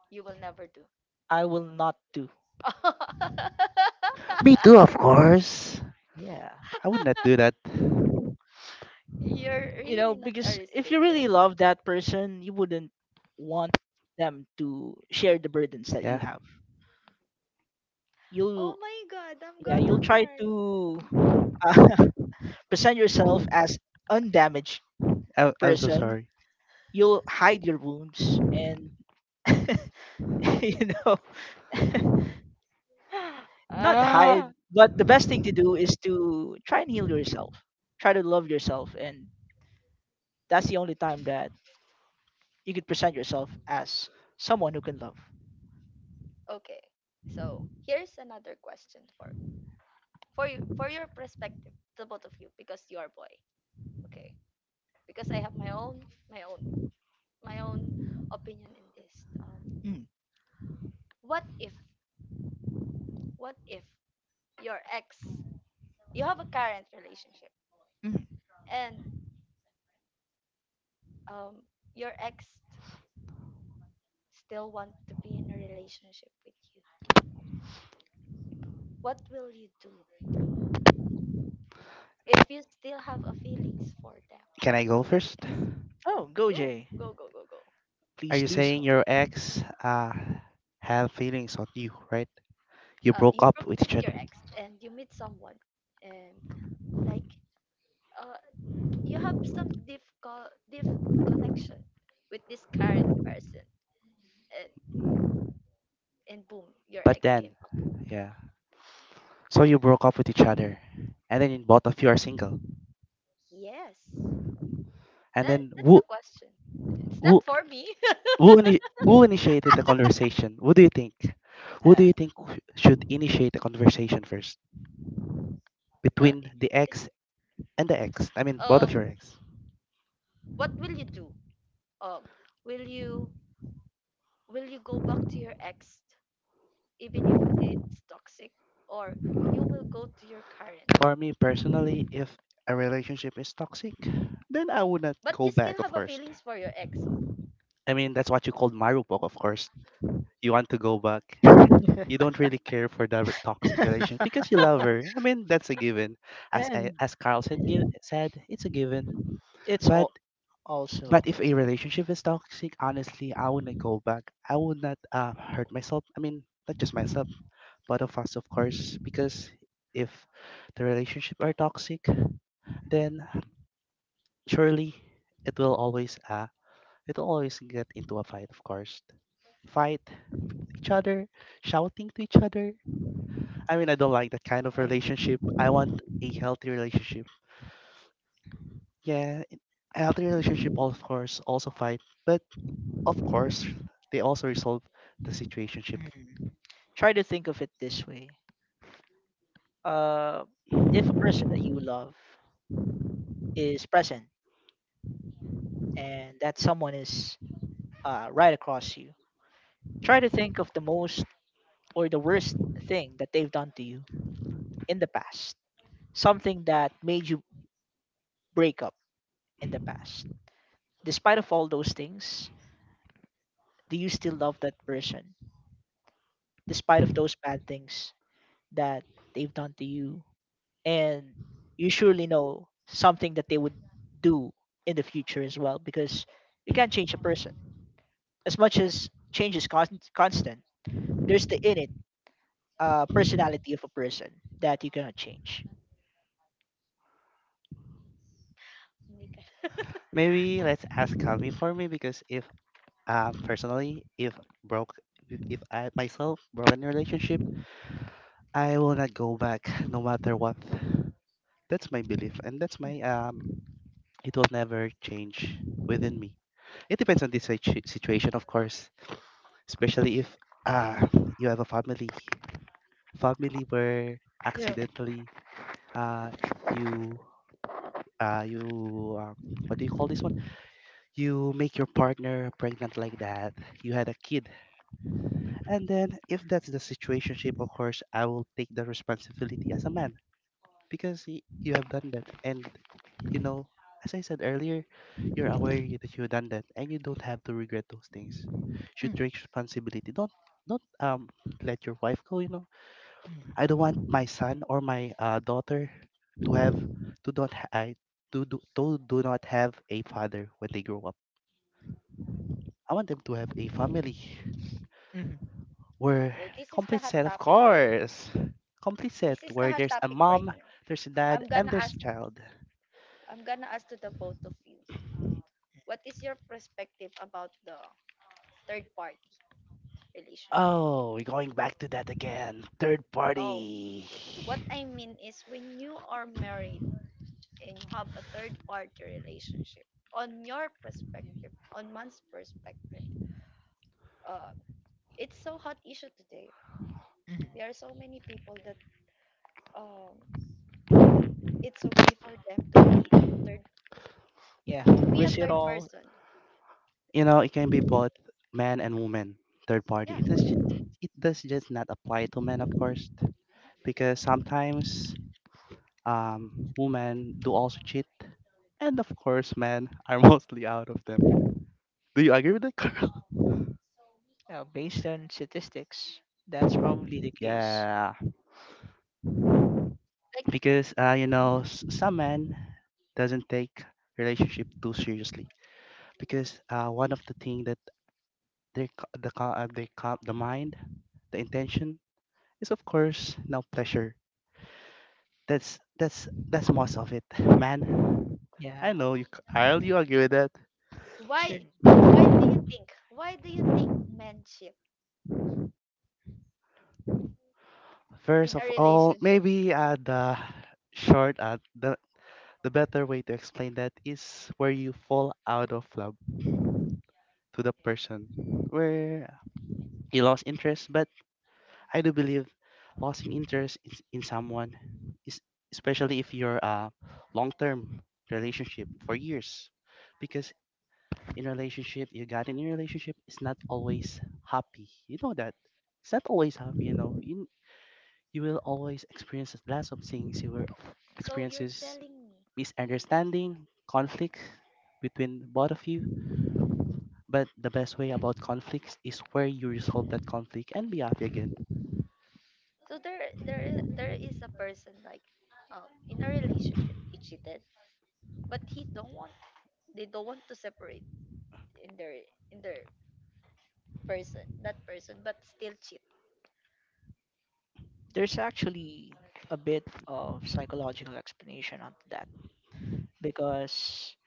Speaker 1: You will never do.
Speaker 3: I will not do.
Speaker 1: [laughs]
Speaker 2: Me too, of course.
Speaker 3: Yeah.
Speaker 2: I would not do that.
Speaker 1: You're
Speaker 3: You know,
Speaker 1: really not a
Speaker 3: because
Speaker 1: risk
Speaker 3: if you
Speaker 1: taker.
Speaker 3: really love that person, you wouldn't want them to share the burdens that you
Speaker 2: Yeah.
Speaker 3: have.
Speaker 1: Oh
Speaker 3: You'll,
Speaker 1: my god, I'm
Speaker 3: yeah,
Speaker 1: gonna
Speaker 3: you'll try
Speaker 1: cry.
Speaker 3: to, uh, [laughs] present yourself as undamaged
Speaker 2: I, I'm so
Speaker 3: person.
Speaker 2: sorry.
Speaker 3: You'll hide your wounds and, [laughs] you know, [laughs]
Speaker 1: [sighs]
Speaker 3: not
Speaker 1: ah.
Speaker 3: hide, but the best thing to do is to try and heal yourself. Try to love yourself, and that's the only time that you could present yourself as someone who can love.
Speaker 1: Okay. So here's another question for me. For you, for your perspective, the both of you, because you are boy. Okay. Because I have my own my own my own opinion in this. Um
Speaker 3: Mm,
Speaker 1: what if what if your ex, you have a current relationship
Speaker 3: mm.
Speaker 1: and um your ex still want to be in a relationship with you. What will you do if you still have a feelings for them?
Speaker 2: Can I go
Speaker 1: Your
Speaker 2: first?
Speaker 1: ex.
Speaker 3: Oh, go
Speaker 1: Go.
Speaker 3: Jay,
Speaker 1: Go go go go.
Speaker 2: Are
Speaker 3: please
Speaker 2: you
Speaker 3: do so.
Speaker 2: saying your ex uh had feelings on you, right? You
Speaker 1: Uh,
Speaker 2: broke
Speaker 1: you
Speaker 2: up
Speaker 1: broke up
Speaker 2: with
Speaker 1: with
Speaker 2: each
Speaker 1: your
Speaker 2: other.
Speaker 1: ex and you meet someone and like uh, you have some deep co- deep connection with this current person and and boom, your
Speaker 2: But
Speaker 1: ex came
Speaker 2: then,
Speaker 1: back.
Speaker 2: yeah. So you broke up with each other. And then both of you are single.
Speaker 1: Yes,
Speaker 2: And
Speaker 1: that
Speaker 2: then
Speaker 1: that's
Speaker 2: who
Speaker 1: a question. It's not
Speaker 2: who
Speaker 1: for me. [laughs]
Speaker 2: who, ini- who initiated the conversation? Who do you think? Who
Speaker 3: Yeah.
Speaker 2: do you think sh- should initiate the conversation first
Speaker 1: Uh,
Speaker 2: between
Speaker 1: it-
Speaker 2: the
Speaker 1: it's
Speaker 2: ex and the ex? I mean, both of
Speaker 1: um
Speaker 2: your ex.
Speaker 1: what will you do? um will you, will you go back to your ex even if it's toxic, or you will go to your current,
Speaker 2: For me personally, if a relationship is toxic, then I would not
Speaker 1: but you
Speaker 2: go
Speaker 1: still
Speaker 2: back,
Speaker 1: have
Speaker 2: of
Speaker 1: a
Speaker 2: course.
Speaker 1: feelings for your ex?
Speaker 2: I mean, that's what you called Marupok, of course. You want to go back. You
Speaker 3: [laughs]
Speaker 2: don't really care for the toxic relation because you love her. I mean, that's a given. As I,
Speaker 3: And
Speaker 2: as Carl said, give, said it's a given.
Speaker 3: it's
Speaker 2: But
Speaker 3: all also,
Speaker 2: but if a relationship is toxic, honestly, I wouldn't go back. I would not uh, hurt myself. I mean, not just myself, but of us, of course, because if the relationship are toxic, then surely it will always uh it will always get into a fight, of course. Fight each other, shouting to each other. I mean, I don't like that kind of
Speaker 3: yeah.
Speaker 2: relationship. I want a healthy relationship. Yeah, it- a healthy relationship, of course, also fight, but of course, they also resolve the situationship.
Speaker 3: Mm. Try to think of it this way. Uh, if a person that you love is present, and that someone is, uh, right across you, try to think of the most, or the worst thing that they've done to you in the past, something that made you break up in the past. Despite of all those things, do you still love that person? Despite of those bad things that they've done to you, and you surely know something that they would do in the future as well, because you can't change a person as much as change is con- constant. There's the innate, uh, personality of a person that you cannot change.
Speaker 1: Hindi ka. [laughs]
Speaker 2: Maybe let's ask Kami for me because if uh, personally, if broke, if I myself broken relationship, I will not go back no matter what. That's my belief, and that's my
Speaker 3: Mm.
Speaker 2: um. It will never change within me. It depends on the situ- situation, of course, especially if uh, you have a family, family where
Speaker 3: Yeah.
Speaker 2: accidentally uh, you uh, you um, what do you call this one? You make your partner pregnant like that. You had a kid, and then if that's the situationship, of course, I will take the responsibility as a man because y- you have done that, and you know, as I said earlier, you're aware you- that you've done that, and you don't have to regret those things. Should
Speaker 3: Mm,
Speaker 2: take responsibility. Don't don't um let your wife go. You know, I
Speaker 3: mm,
Speaker 2: don't want my son or my uh, daughter to have to don't ha- I to do to do not have a father when they grow up. I want them to have a
Speaker 1: Okay.
Speaker 2: family
Speaker 3: mhm,
Speaker 2: where
Speaker 1: So this is the
Speaker 2: complete
Speaker 1: hot
Speaker 2: set, of
Speaker 1: topic, right.
Speaker 2: course, complete set
Speaker 1: This is the
Speaker 2: where
Speaker 1: hot
Speaker 2: there's a
Speaker 1: topic right
Speaker 2: mom,
Speaker 1: now.
Speaker 2: there's a
Speaker 1: I'm
Speaker 2: dad,
Speaker 1: gonna
Speaker 2: and there's
Speaker 1: ask.
Speaker 2: a child.
Speaker 1: I'm gonna ask to the both of you. What is your perspective about the third party relationship?
Speaker 2: Oh, we're going back to that again. Third
Speaker 1: No.
Speaker 2: party.
Speaker 1: What I mean is when you are married and you have a third party relationship. On your perspective, on one's perspective, uh, it's so hot issue today.
Speaker 3: mhm.
Speaker 1: There are so many people that um, it's okay for them to be on a third,
Speaker 3: Yeah, who would
Speaker 1: to be a
Speaker 3: risk it
Speaker 1: third
Speaker 3: all?
Speaker 1: person.
Speaker 2: You know, it can be both man and woman. Third party. It
Speaker 1: Yeah.
Speaker 2: does, ju- it does just not apply to men, of course, because sometimes um, women do also cheat, and of course, men are [laughs] mostly out of them. Do you agree with that, Carl? [laughs]
Speaker 3: Yeah, based on statistics, that's probably the case.
Speaker 2: Yeah,
Speaker 1: Like,
Speaker 2: because uh, you know, s- some men doesn't take relationship too seriously because uh, one of the thing that Their, ca- the, ca- uh, they ca- the mind, the intention is of course now pleasure. That's that's that's most of it, man.
Speaker 3: Yeah,
Speaker 2: I know you. c- I'll you agree with that.
Speaker 3: sure.
Speaker 1: why why do you think why do you think manship
Speaker 2: First
Speaker 1: in a
Speaker 2: of all,
Speaker 1: relationship?
Speaker 2: maybe uh, the short uh, the the better way to explain that is where you fall out of love to the person, where you lost interest, but I do believe losing interest in, in someone is especially if you're a long-term relationship for years because in a relationship you got in a relationship it's not always happy, you know that it's not always happy, you know, you, you will always experience lots of things. You will
Speaker 1: So you're
Speaker 2: experiences
Speaker 1: telling me, like,
Speaker 2: misunderstanding, conflict between both of you, but the best way about conflicts is where you resolve that conflict and be happy again.
Speaker 1: so there there there is a person, like, um in a relationship, he cheated, but he don't want, they don't want to separate in their in their person, that person, but still cheat.
Speaker 3: There's actually a bit of psychological explanation onto that because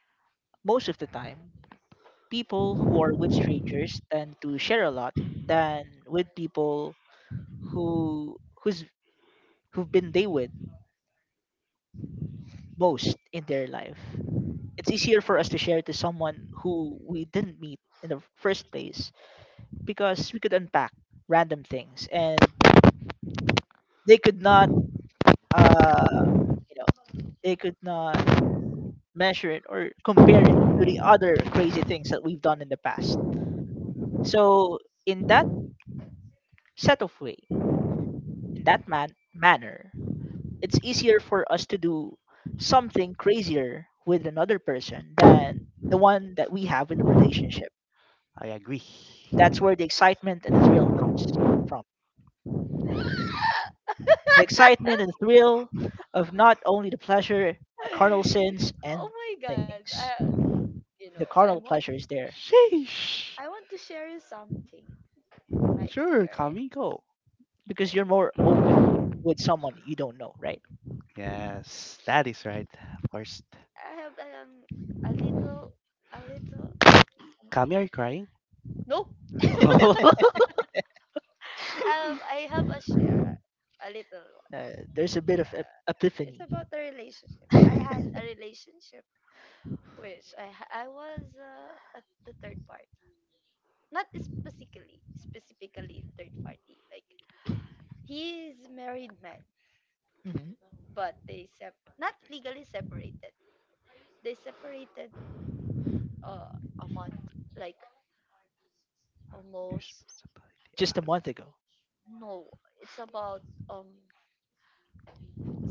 Speaker 3: most of the time, people who are with strangers tend to share a lot than with people who who's who've been they with most in their life. It's easier for us to share to someone who we didn't meet in the first place, because we could unpack random things, and they could not, uh, you know, they could not measure it or compare it to the other crazy things that we've done in the past. So in that set of way, in that man manner, it's easier for us to do something crazier with another person than the one that we have in the relationship.
Speaker 2: I agree.
Speaker 3: That's where the excitement and the thrill comes from. The excitement and the thrill of not only the pleasure, the carnal sins
Speaker 1: [laughs]
Speaker 3: and
Speaker 1: Oh my god.
Speaker 3: things.
Speaker 1: I, you
Speaker 3: The
Speaker 1: know, I
Speaker 3: carnal
Speaker 1: want
Speaker 3: pleasure is there
Speaker 2: Sheesh.
Speaker 1: I want to share you something in my
Speaker 2: Sure,
Speaker 1: experience.
Speaker 2: Kami, go.
Speaker 3: because you're
Speaker 1: Okay.
Speaker 3: more open with someone you don't know, right?
Speaker 2: Yes, that is right. Of course.
Speaker 1: I have um a little, a little.
Speaker 2: Kami, are you crying?
Speaker 1: No,
Speaker 3: [laughs]
Speaker 2: [laughs] Oh.
Speaker 3: uh,
Speaker 1: um, I have a share, a little one.
Speaker 3: there's a bit of ep-
Speaker 1: Uh, it's
Speaker 3: epiphany. [laughs]
Speaker 1: about the relationship. I had a relationship which I ha- I was uh, at the third party, not specifically specifically third party. Like, he is married man,
Speaker 3: Mhm.
Speaker 1: but they sep, not legally separated. They separated, uh, a month, like almost
Speaker 2: Responsibility
Speaker 3: Just a
Speaker 2: out of-
Speaker 3: month ago.
Speaker 1: no, it's about um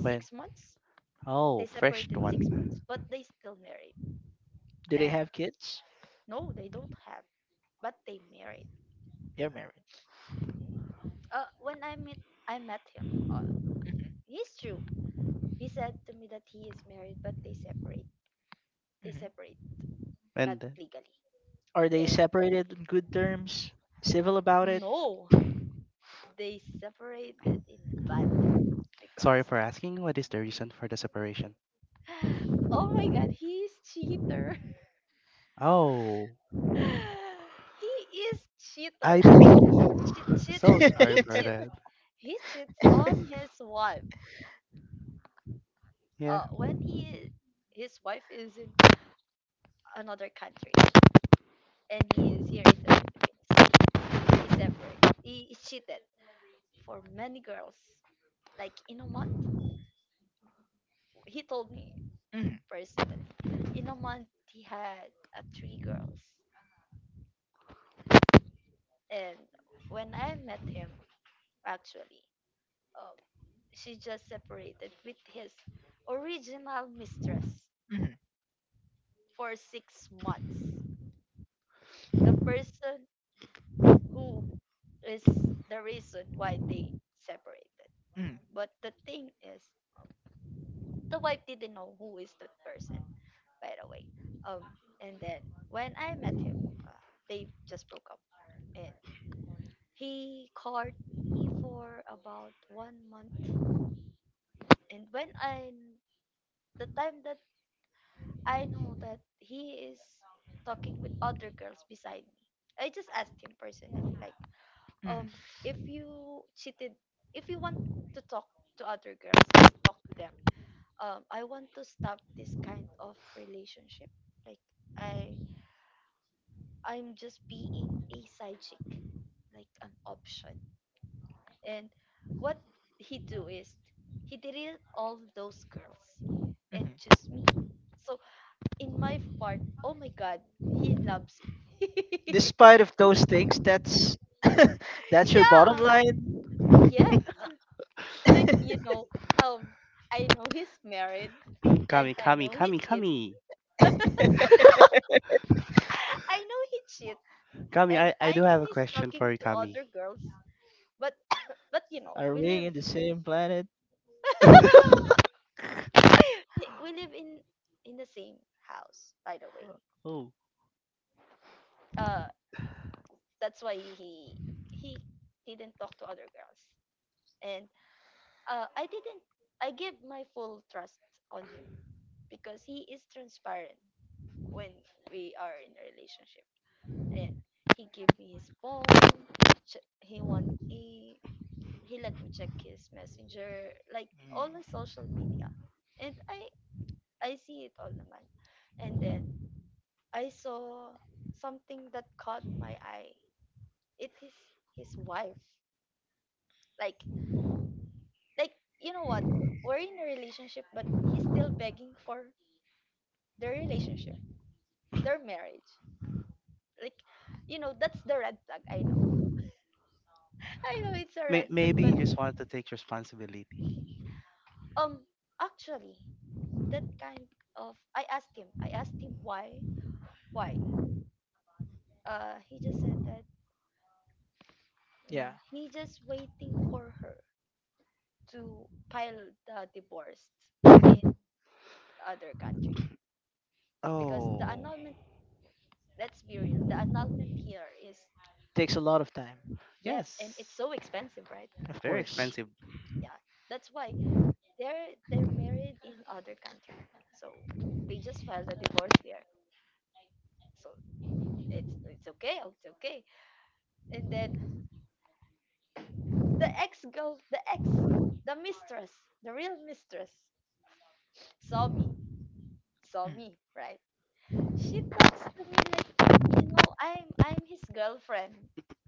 Speaker 2: when?
Speaker 1: months.
Speaker 2: Oh,
Speaker 1: They
Speaker 2: fresh
Speaker 1: separated
Speaker 2: one.
Speaker 1: six months, but they still married.
Speaker 3: Do they
Speaker 1: And
Speaker 3: have kids?
Speaker 1: no, they don't have, but they married.
Speaker 3: They're married.
Speaker 1: Uh, when I met I met him. uh,
Speaker 3: Hmm.
Speaker 1: he's true. He said to me that he is married, but they separate. They
Speaker 3: Hmm.
Speaker 1: separate, not
Speaker 2: And then-
Speaker 1: legally.
Speaker 3: Are they
Speaker 1: And
Speaker 3: separated on good terms? Civil about it?
Speaker 1: no, they separated in bad terms
Speaker 2: sorry
Speaker 1: because
Speaker 2: for asking. What is the reason for the separation?
Speaker 1: [gasps] [laughs] oh my god, he is cheater.
Speaker 2: Oh,
Speaker 1: [laughs] He is
Speaker 2: I
Speaker 1: cheater.
Speaker 2: beat you.
Speaker 1: Cheat,
Speaker 2: [laughs]
Speaker 1: cheat.
Speaker 2: So
Speaker 1: He
Speaker 2: sorry for
Speaker 1: cheats.
Speaker 2: that.
Speaker 1: He cheats on
Speaker 3: [laughs]
Speaker 1: his wife.
Speaker 2: Yeah.
Speaker 1: Uh, when he His wife is in another country and he is here in the Philippines, he separate. He cheated for many girls. Like, in a month, he told me
Speaker 3: Mhm,
Speaker 1: personally. In a month, he had uh, three girls. And when I met him, actually, um, she just separated with his original mistress
Speaker 3: mhm,
Speaker 1: for six months. The person who is the reason why they separated.
Speaker 3: mhm,
Speaker 1: But the thing is, um, the wife didn't know who is that person, by the way. Um, and then when I met him, uh, they just broke up and he caught me for about one month, and when I the time that I know that he is talking with other girls beside me, I just asked him personally, like, um,
Speaker 3: mhm,
Speaker 1: if you cheated, if you want to talk to other girls, just talk to them. Um, I want to stop this kind of relationship. Like, I I'm just being a side chick, like an option. And what he do is he deleted all those girls and choose me.
Speaker 3: mhm.
Speaker 1: So in my part, oh my god, he loves me. [laughs]
Speaker 3: Despite of those things, that's, [laughs] that's your bottom
Speaker 1: Yeah.
Speaker 3: line?
Speaker 1: Yes. Like, you know, um I know he's married and
Speaker 2: Kami,
Speaker 1: I
Speaker 2: Kami,
Speaker 1: know he
Speaker 2: Kami,
Speaker 1: cheat.
Speaker 2: Kami.
Speaker 1: [laughs] I know he cheat
Speaker 2: Kami,
Speaker 1: and
Speaker 2: I, I
Speaker 1: I
Speaker 2: do
Speaker 1: know
Speaker 2: have a
Speaker 1: he's
Speaker 2: question
Speaker 1: talking
Speaker 2: for you,
Speaker 1: to
Speaker 2: Kami.
Speaker 1: other girls. But
Speaker 2: [coughs]
Speaker 1: [coughs] but you
Speaker 3: [laughs]
Speaker 1: know,
Speaker 3: Are
Speaker 1: we
Speaker 3: we
Speaker 1: live
Speaker 3: in the same planet?
Speaker 1: [laughs] we we live in in the same house, by the way.
Speaker 2: [laughs] Oh,
Speaker 1: uh that's why he he didn't talk to other girls, and uh I didn't, I give my full trust on him because he is transparent when we are in a relationship, and he gave me his phone, ch- he want he he let me check his messenger, like all the social media, and i I see it all naman, and then I saw something that caught my eye. It is his wife. Like like you know what? We're in a relationship, but he's still begging for their relationship, their marriage. Like, you know, that's the red flag, I know. [laughs] I know it's a
Speaker 2: may-
Speaker 1: red flag,
Speaker 2: maybe
Speaker 1: but
Speaker 2: you just wanted to take responsibility.
Speaker 1: um actually, that kind of, i asked him I asked him why, why uh he just said that,
Speaker 3: Yeah.
Speaker 1: mm, he just waiting for her to file the divorce
Speaker 3: [laughs]
Speaker 1: in other country, because the
Speaker 2: Oh,
Speaker 1: annulment, let's be real, the annulment here is,
Speaker 3: Takes a lot of time.
Speaker 1: yes, and it's
Speaker 2: yes.
Speaker 1: so expensive, right?
Speaker 3: Of
Speaker 2: Very
Speaker 3: course.
Speaker 2: expensive.
Speaker 1: Yeah, that's why they're they're married in other country, so they just filed a divorce here. So it's it's okay, oh, it's okay. And then the ex girl, the ex, the mistress, the real mistress, saw me, saw
Speaker 3: Mm.
Speaker 1: me, right? She talks to me like, you know, I'm I'm his girlfriend,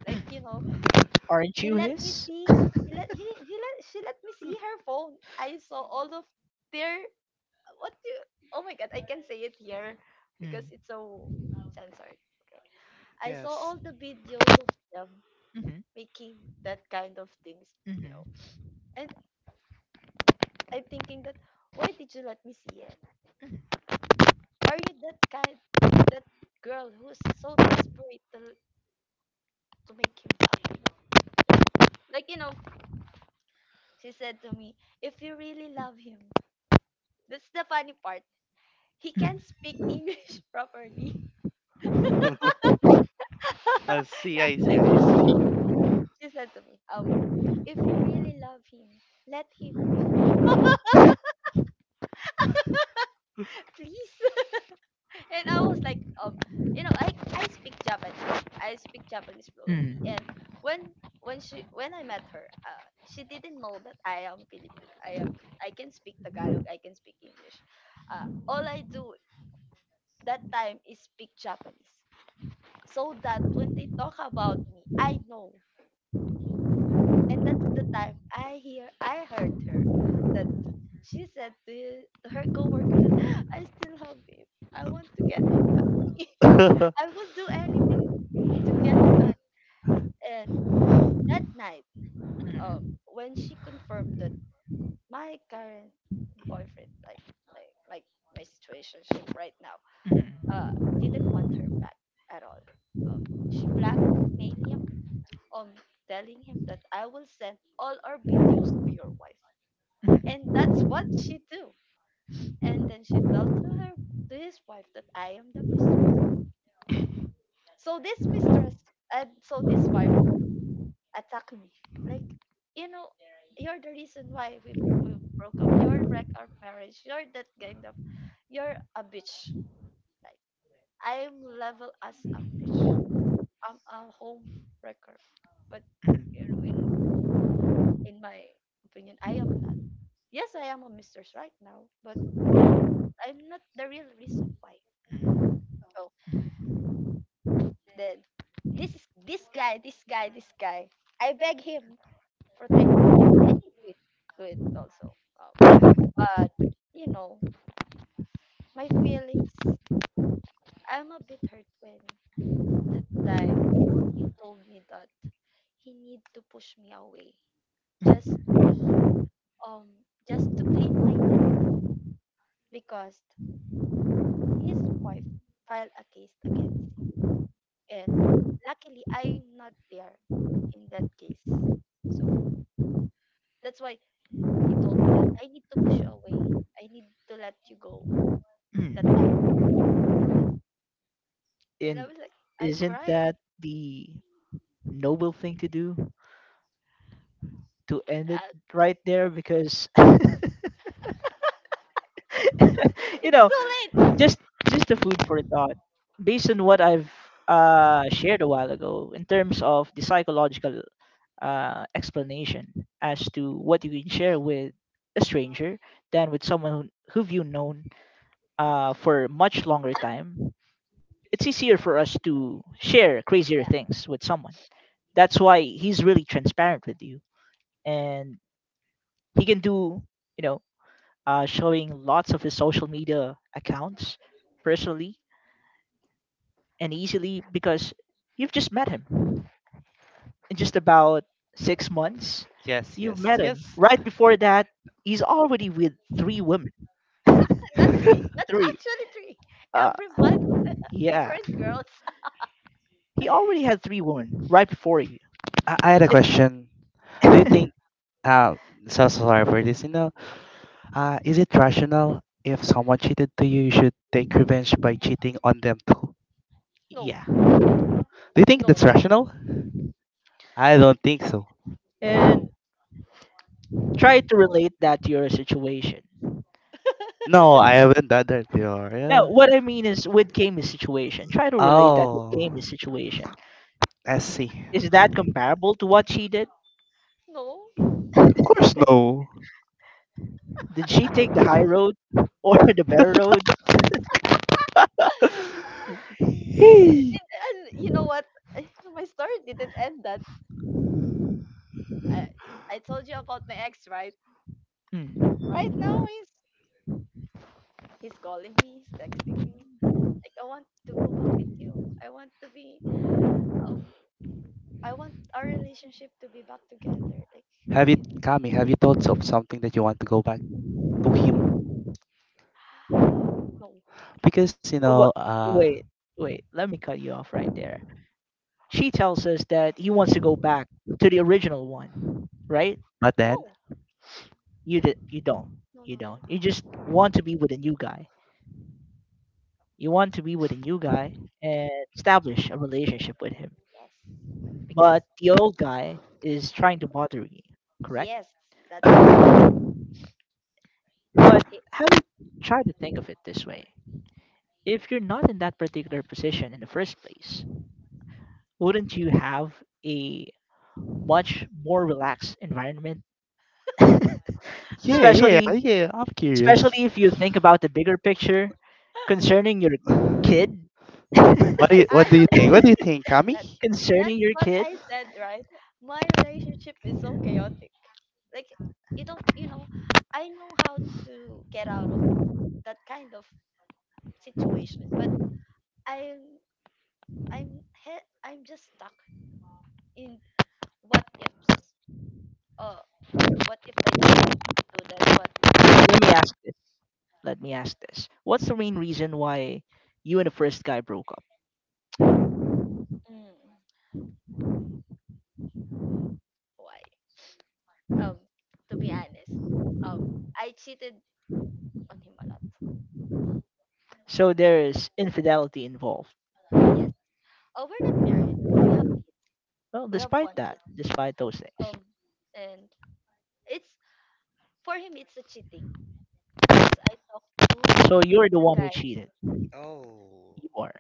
Speaker 1: like, you know.
Speaker 3: Mm. Aren't
Speaker 1: He
Speaker 3: you
Speaker 1: let me
Speaker 3: his? [laughs]
Speaker 1: see. He let he, he let She let me see her phone. I saw all of their, what do, oh my god, I can say it here
Speaker 3: Mm.
Speaker 1: because it's so censored. Okay. I saw
Speaker 2: Yes.
Speaker 1: all the videos of them
Speaker 3: Mhm,
Speaker 1: making that kind of things, you
Speaker 3: mhm,
Speaker 1: know. And I'm thinking that, why did you let me see it? Are you that kind, that girl who's so desperate to, to make him back to you? Like, like you know, she said to me, if you really love him, that's the funny part. He can't speak
Speaker 3: mhm,
Speaker 1: English [laughs] properly.
Speaker 2: [laughs] I
Speaker 1: [laughs]
Speaker 2: see, I
Speaker 1: [laughs]
Speaker 2: see,
Speaker 1: Like,
Speaker 2: I see.
Speaker 1: mm, she said to me, um, if you really love him, let him go, [laughs] please. [laughs] And I was like, um, you know, I I speak Japanese. I speak Japanese
Speaker 3: mm,
Speaker 1: fluently.
Speaker 3: mm, mm,
Speaker 1: And when when she when I met her, uh, she didn't know that I am Filipino. I am I can speak Tagalog. I can speak English. Uh, all I do that time is speak Japanese. So that when they talk about me, I know. And that's the time I hear I heard her that she said to, his- to her coworker that [gasps] I still love him. I want to get him back. [laughs] I
Speaker 2: [laughs]
Speaker 1: would do anything to get back. And that night, um,
Speaker 3: mm,
Speaker 1: when she confirmed that my current boyfriend, like like like my situationship right now,
Speaker 3: mm,
Speaker 1: uh, didn't want her back at all. Um, she blackmailed him on telling him that I will send all our videos to your wife.
Speaker 3: mm,
Speaker 1: And that's what she do. And then she told to her, to his wife, that I am the mistress. So this mistress and so this wife attacked me. Like, you know, you're the reason why we, we broke up. You're wreck our marriage. You're that kind of, you're a bitch. Like, I'm level as a bitch. I'm a home wrecker. But you know, in in my opinion, I am not. Yes, I am a mistress right now, but I'm not the real reason why. So then, this is this guy, this guy, this guy. I beg him, protect me. And he did do it also. Um, but you know, my feelings. I'm a bit hurt when the time he told me that he need to push me away just to be um just to clean my name, because his wife filed a case against him, and luckily I'm not there in that case. So that's why he told me that I need to push you away. I need to let you go that
Speaker 3: mm.
Speaker 1: time. And
Speaker 3: And
Speaker 1: I was like, I
Speaker 3: isn't
Speaker 1: cry.
Speaker 3: that the noble thing to do? To end it
Speaker 1: Uh,
Speaker 3: right there because [laughs] you
Speaker 1: it's
Speaker 3: know,
Speaker 1: too late.
Speaker 3: just just the food for thought. Based on what I've uh shared a while ago in terms of the psychological uh explanation as to what you can share with a stranger than with someone who who've you known uh for much longer time, it's easier for us to share crazier
Speaker 1: Yeah,
Speaker 3: things with someone. That's why he's really transparent with you, and he can do, you know, uh, showing lots of his social media accounts personally and easily because you've just met him in just about six months.
Speaker 2: Yes,
Speaker 3: You've
Speaker 2: yes,
Speaker 3: met him
Speaker 2: yes.
Speaker 3: right before that, he's already with three women. [laughs]
Speaker 2: [laughs]
Speaker 1: not
Speaker 2: I,
Speaker 1: three. Not
Speaker 3: Three,
Speaker 1: actually three.
Speaker 3: uh
Speaker 1: Every month,
Speaker 3: yeah,
Speaker 1: different girls.
Speaker 3: he already had
Speaker 1: [laughs]
Speaker 3: three women right before you,
Speaker 2: I had a question. Do you
Speaker 3: and
Speaker 2: think, uh, so so sorry for this, you know, uh, is it rational if someone cheated to you, you should take revenge by cheating on them too?
Speaker 1: No,
Speaker 3: [laughs] yeah,
Speaker 2: Do you think
Speaker 1: no,
Speaker 2: that's rational? I
Speaker 1: no,
Speaker 2: don't think so.
Speaker 1: no,
Speaker 3: and try to relate that to your situation.
Speaker 2: No, I haven't done that before.
Speaker 3: No,
Speaker 2: Yeah.
Speaker 3: what I mean is with Kami's situation. Try to relate that with
Speaker 2: Oh.
Speaker 3: Kami's situation.
Speaker 1: uh,
Speaker 2: S C.
Speaker 3: Is that comparable to what she did?
Speaker 1: no.
Speaker 2: Of course, no.
Speaker 3: Did she take the high road or [laughs] the better road?
Speaker 1: [laughs]
Speaker 2: [laughs] hey,
Speaker 1: and, and you know what? [laughs] My story didn't end that. I, I told you about my ex, right?
Speaker 3: Mm.
Speaker 1: Right now, he's he's calling me, he's texting me. Like, I want to go back with you. I want to be um I want our relationship to be back together. Like,
Speaker 2: have you,
Speaker 1: you know.
Speaker 2: Kami? Have you thought of something that you want to go back to him?
Speaker 1: [gasps] [sighs] No.
Speaker 2: Because you know,
Speaker 3: Wha-
Speaker 2: uh,
Speaker 3: Wait, wait. Let me cut you off right there. She tells us that he wants to go back to the original one, right?
Speaker 2: but then,
Speaker 1: No.
Speaker 3: You did. You don't.
Speaker 1: No, no,
Speaker 3: You
Speaker 1: no.
Speaker 3: don't. You just want to be with a new guy. You want to be with a new guy and establish a relationship with him.
Speaker 1: Yes. Because
Speaker 3: But the old guy is trying to bother you, correct?
Speaker 1: yes, that's true. Like,
Speaker 3: But
Speaker 1: he,
Speaker 3: have you tried to think of it this way? If you're not in that particular position in the first place, wouldn't you have a much more relaxed environment? [laughs]
Speaker 2: yeah, yeah,
Speaker 3: Especially,
Speaker 1: [laughs]
Speaker 2: yeah. I'm curious.
Speaker 3: especially if you think about the bigger picture concerning your kid. [laughs] Concerning
Speaker 2: What do you,
Speaker 1: I
Speaker 2: what do you
Speaker 1: don't know.
Speaker 2: think? What do you think,
Speaker 1: That, that's
Speaker 2: Kami?
Speaker 1: that's
Speaker 3: your
Speaker 1: what
Speaker 3: kid.
Speaker 1: I said, right? My relationship is so chaotic. Like, you don't, you know, I know how to get out of that kind of situation, but I'm I'm he- I'm just stuck in what ifs. Uh, what if I didn't do that? What if I did?
Speaker 3: Let me ask this. Let me ask this. What's the main reason why you and the first guy broke up?
Speaker 1: Mm, why? Um, to be honest, um, I cheated on him a lot.
Speaker 3: So there is infidelity involved.
Speaker 1: Yes. Oh, we're not married. We have kids.
Speaker 3: Well,
Speaker 1: We have
Speaker 3: despite
Speaker 1: one kid.
Speaker 3: that, despite those things.
Speaker 1: Um, and it's for him. It's a cheating because I talked to
Speaker 3: So you're the
Speaker 1: the
Speaker 3: one who
Speaker 1: guy.
Speaker 3: cheated.
Speaker 2: Oh,
Speaker 3: You are.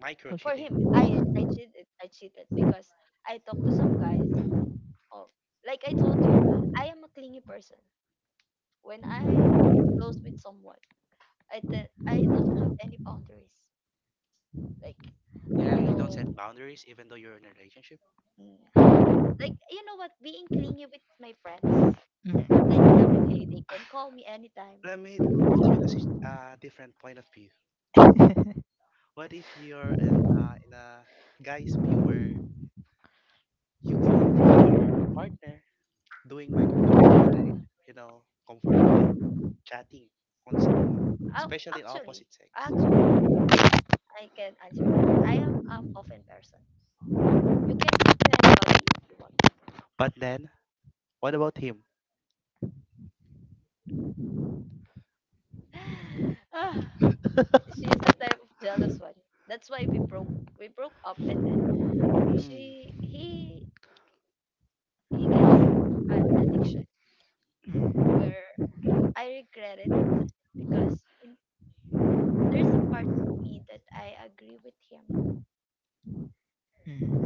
Speaker 2: micro
Speaker 1: For
Speaker 2: cheating.
Speaker 1: him,
Speaker 3: Okay.
Speaker 1: I I cheated. I cheated because I talked to some guys of. Like I told you, I am a clingy person. When I close with someone, I te- I don't have any boundaries. Like
Speaker 2: Yeah,
Speaker 1: you
Speaker 2: you don't
Speaker 1: know,
Speaker 2: set boundaries even though you're in a relationship.
Speaker 1: mm, like you know what, being clingy with my friends, like every day they
Speaker 3: Mhm.
Speaker 1: can call
Speaker 2: [sighs]
Speaker 1: me anytime.
Speaker 2: Let me put you in a sit- uh, different point of view.
Speaker 3: Mhm.
Speaker 2: What if you're an, uh, in a guy's view where you caught your partner doing micro cheating by, you know, comfortably chatting on someone,
Speaker 1: Ac-
Speaker 2: especially in
Speaker 1: Actually,
Speaker 2: opposite sex.
Speaker 1: actually, I can answer that. I am an open person. You can talk to anybody if you want.
Speaker 2: But then, what about him?
Speaker 1: [sighs] Ah. She's the type of jealous one. That's why we broke we broke up and then she
Speaker 2: Mm.
Speaker 1: he he gets an addiction where I regret it because in there's a part of me that I agree with him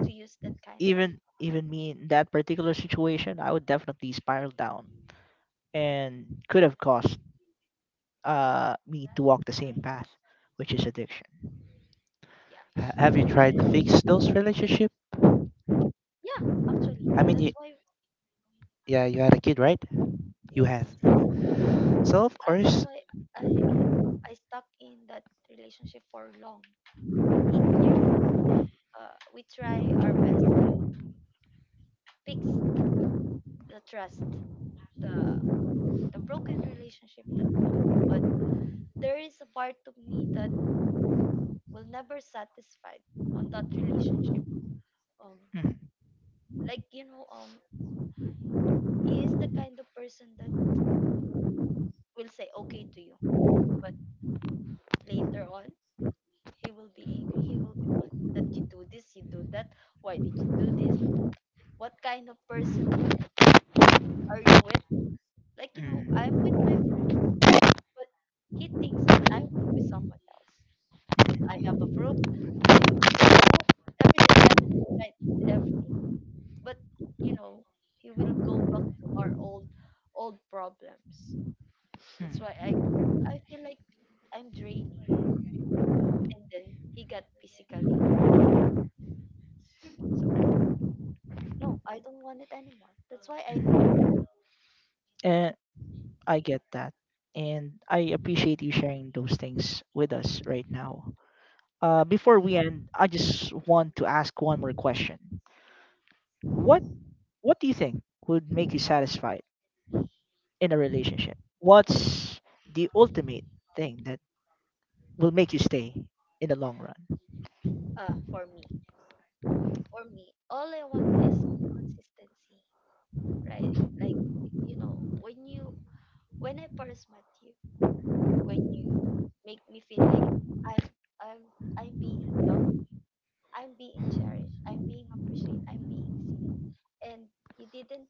Speaker 1: to use that kind of
Speaker 3: Even even me in that particular situation, I would definitely spiral down and could have caused uh me to walk the same path, which is addiction.
Speaker 1: yeah.
Speaker 2: Ha- Have you
Speaker 1: And then
Speaker 2: tried to fix those relationship?
Speaker 1: yeah, actually
Speaker 2: I mean,
Speaker 1: that's
Speaker 2: you,
Speaker 1: why
Speaker 2: yeah, you had a kid, right? You
Speaker 1: yes.
Speaker 2: have. So of
Speaker 1: Uh, that's
Speaker 2: course,
Speaker 1: why I you know I stuck in that relationship for long. eight years. Uh, we try our best to fix the trust the the broken relationship that we had. But there is a part of me that will never satisfied on that relationship. Um,
Speaker 3: Mm-hmm.
Speaker 1: like you know, um, he is the kind of person that will say okay to you, but later on he will be angry. He will be mad that you do this, you do that. Why did you do this? What kind of person are you with? Like you know, I'm with my
Speaker 3: Mm,
Speaker 1: friends, but he thinks that I'm with, with someone else. I
Speaker 3: mm,
Speaker 1: have a proof. I have I have everything, everything, right? Everything. But you know, he will go back to our old old problems. That's why I
Speaker 3: mm,
Speaker 1: I feel like I'm draining. And then he got physically attacked. So no, I don't want it anymore. That's why I leave him.
Speaker 3: mm. And I get that. And I appreciate you sharing those things with us right now. Uh, before we end, I just want to ask one more question. What What do you think would make you satisfied in a relationship? What's the ultimate thing that will make you stay in the long run?
Speaker 1: Uh, for me, for me, all I want is consistency, right? Like you know, when you when I first met you. When you make me feel like I'm I'm I'm being loved, I'm being cherished, I'm being appreciated, I'm being seen. And you didn't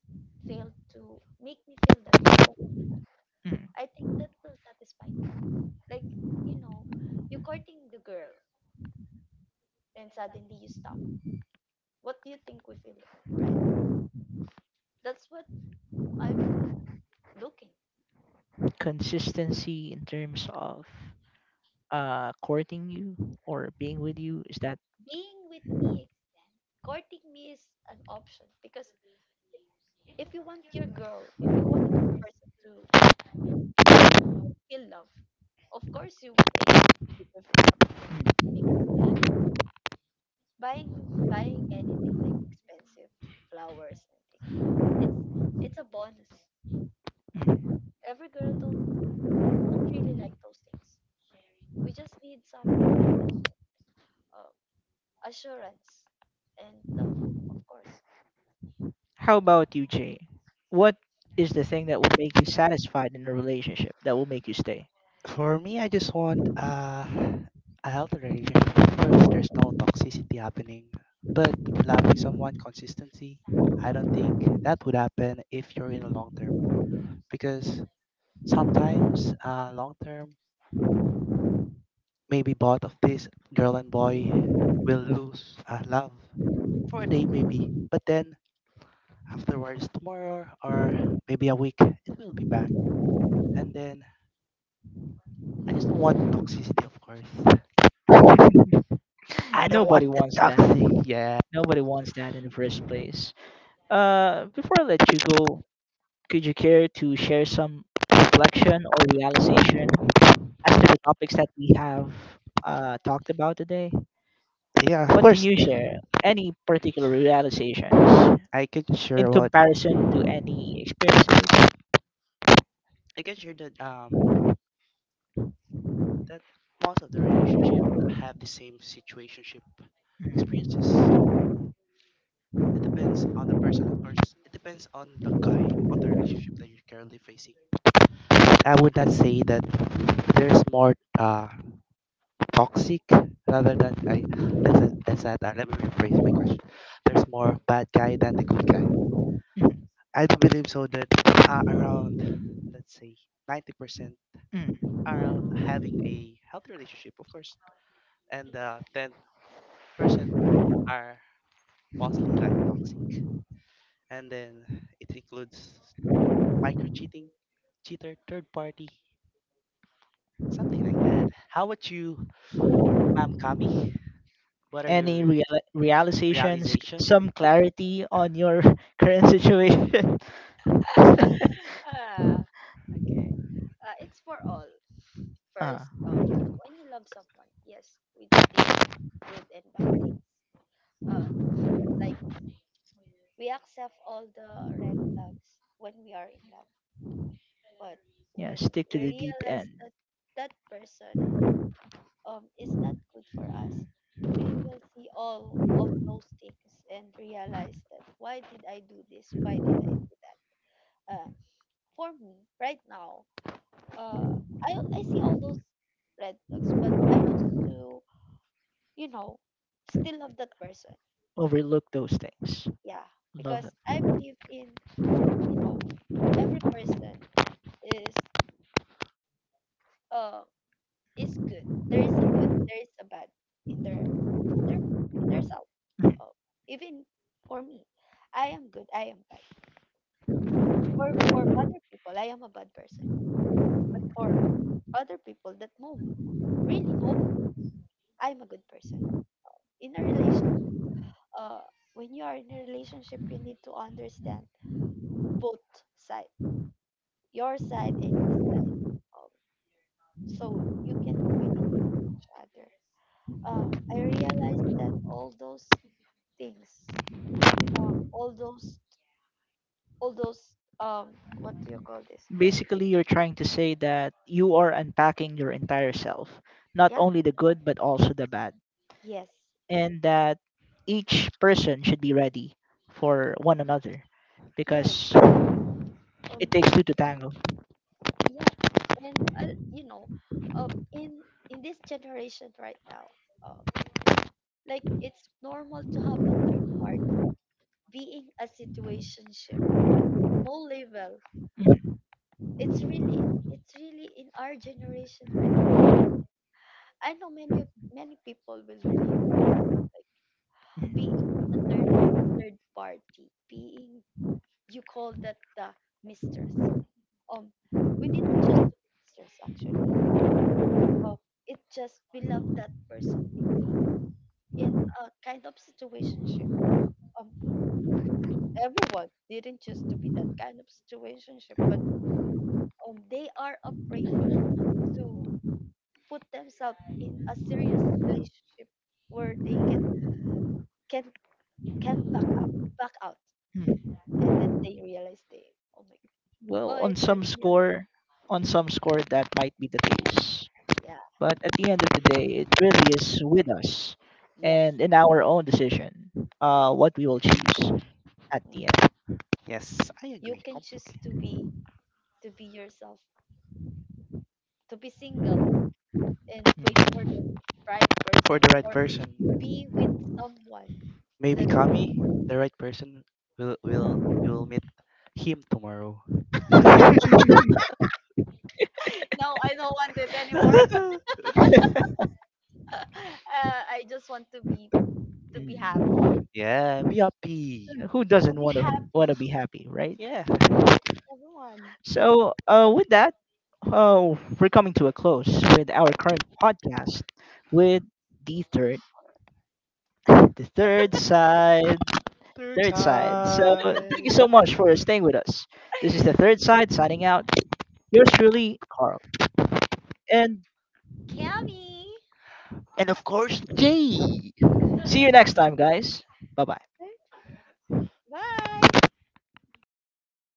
Speaker 1: fail to make me feel that for the long run.
Speaker 3: Mm.
Speaker 1: I think that will satisfy me. Like, you know, you're courting the girl and suddenly you stop. What do you think we feel like, right? That's what I've been looking.
Speaker 3: Consistency in terms of, uh, courting you or being with you, is that,
Speaker 1: Being with me extend. Courting me is an option because if you want your girl, if you want your person to feel love. Of course, you make people feel love, make feel happy. Buying buying anything like expensive flowers, anything. It's it's a bonus.
Speaker 3: mm.
Speaker 1: Every girl don't don't really like those things. We just need some attention, um, assurance, and love, of course.
Speaker 3: How about you, Jay? What is the thing that will make you satisfied in a relationship that will make you stay?
Speaker 2: for me, I just want uh, a healthy relationship. Of course, there's no toxicity happening, but loving someone consistency, I don't think that would happen if you're in a long term because sometimes uh, long term maybe both of this girl and boy will lose uh, love for a day, maybe. But then afterwards, tomorrow or maybe a week, it will be back. And then I just don't want toxicity, of course.
Speaker 3: [laughs]
Speaker 2: I don't
Speaker 3: Nobody
Speaker 2: want the
Speaker 3: wants that.
Speaker 2: toxic. Yeah,
Speaker 3: Nobody wants that in the first place. Uh, before I let you go, could you care to share some reflection or realization as to the topics that we have uh, talked about today?
Speaker 2: yeah. Of
Speaker 3: What can
Speaker 2: course,
Speaker 3: you share? Any particular realizations
Speaker 2: I can
Speaker 3: in
Speaker 2: share what
Speaker 3: comparison to any experiences?
Speaker 2: I can share that um that most of the relationship
Speaker 3: Mhm.
Speaker 2: have the same situationship experiences.
Speaker 3: Mhm,
Speaker 2: It depends on the person, of course. It depends on the guy, on the relationship that you're currently facing. I would not say that there's more uh, toxic rather than I that's a, that's that. Uh, let me rephrase my question. There's more bad guy than the good guy. I do believe so that uh, around let's say ninety percent
Speaker 3: mhm.
Speaker 2: are having a healthy relationship, of course, and uh, ten percent are mostly like toxic, and then it includes micro cheating, cheater, third party, something like that. How about you, Ma'am Kami? What are
Speaker 3: Any
Speaker 2: your
Speaker 3: real- realizations,
Speaker 2: realization.
Speaker 3: some clarity on your [laughs] current situation? [laughs]
Speaker 1: Ah, okay. Uh, it's for all.
Speaker 3: uh,
Speaker 1: First, um, when you love someone, yes, we do think good and bad things. Uh, like we accept all the red flags when we are in love, but
Speaker 3: yeah,
Speaker 1: when
Speaker 3: stick to
Speaker 1: we
Speaker 3: the deep
Speaker 1: realize
Speaker 3: end.
Speaker 1: that that person um is not good for us, we will see all of those things and realize that why did I do this? Why did I do that? Um, for me, right now, uh, I I see all those red flags, but I choose to you know still love that person.
Speaker 3: Overlook those things.
Speaker 1: Yeah,
Speaker 3: Love
Speaker 1: because
Speaker 3: them.
Speaker 1: I believe in you know every person is uh is good. There is a good, there is a bad in their in their in their self.
Speaker 3: [laughs] Mhm.
Speaker 1: Uh, even for me, I am good, I am bad. For for other people, I am a bad person. But for other people that know me, really know me, I'm a good person. In a relationship, uh, when you are in a relationship, you need to understand both side, your side and his side, um, so you can communicate with each other. Um, I realized that all those things um all those all those um what do you call this
Speaker 3: Basically, you're trying to say that you are unpacking your entire self, not
Speaker 1: yeah
Speaker 3: only the good, but also the bad,
Speaker 1: yes
Speaker 3: and that each person should be ready for one another
Speaker 2: Yes,
Speaker 1: yes
Speaker 3: because
Speaker 2: th-
Speaker 1: um
Speaker 3: it takes two to tango.
Speaker 1: yeah and uh, you know um in in this generation right now um like it's normal to have a third party being a situationship no label
Speaker 3: Mhm.
Speaker 1: it's really it's really in our generation right now. I know many of- many people will relate to this like being in a third
Speaker 3: Mhm.
Speaker 1: third party being you call that the mistress. Um, we didn't choose to mistress actually. Um, it just we love that person deeply. In a kind of situationship, um, everyone didn't choose to be that kind of situationship, but um, they are afraid to put themselves in a serious relationship where they can can can't back up, back out, and then
Speaker 3: Mhm.
Speaker 1: they realize they, oh my, oh
Speaker 3: Well, on
Speaker 1: it
Speaker 3: some
Speaker 1: hurts me a lot.
Speaker 3: score, on some score, that might be the case.
Speaker 1: Yeah.
Speaker 3: But at the end of the day, it really is with us
Speaker 1: Yes.
Speaker 3: and in our own decision, uh,
Speaker 1: Yes.
Speaker 3: what we will choose at
Speaker 1: Mm.
Speaker 3: the end.
Speaker 2: yes, I
Speaker 1: You
Speaker 2: agree
Speaker 1: can choose
Speaker 2: completely.
Speaker 1: to be to be yourself to be single and wait for the
Speaker 3: Mm.
Speaker 1: right
Speaker 2: For
Speaker 1: person
Speaker 2: the right
Speaker 1: or
Speaker 2: person,
Speaker 1: be with someone
Speaker 2: maybe
Speaker 1: that
Speaker 2: Kami, the right person will will you will meet him tomorrow.
Speaker 1: [laughs] no I don't want it anymore [laughs]
Speaker 2: [laughs]
Speaker 1: uh, I just want to be to be happy
Speaker 3: Mm.
Speaker 2: Yeah, be happy.
Speaker 3: Who
Speaker 1: to
Speaker 3: doesn't
Speaker 1: be
Speaker 3: want to want
Speaker 1: happy
Speaker 3: to be happy, right?
Speaker 2: Yeah,
Speaker 1: yes everyone
Speaker 3: So, uh, with that, uh, we're coming to a close with our current podcast with the third, [laughs] the third side,
Speaker 2: third
Speaker 3: third side. So, thank you
Speaker 2: time.
Speaker 3: so much for staying with us. This is the third
Speaker 1: [laughs]
Speaker 3: side signing out. Yours truly, Carl, and
Speaker 1: cami
Speaker 2: And of course, Jay.
Speaker 3: see you next time, guys. Bye bye.
Speaker 1: bye
Speaker 2: [laughs]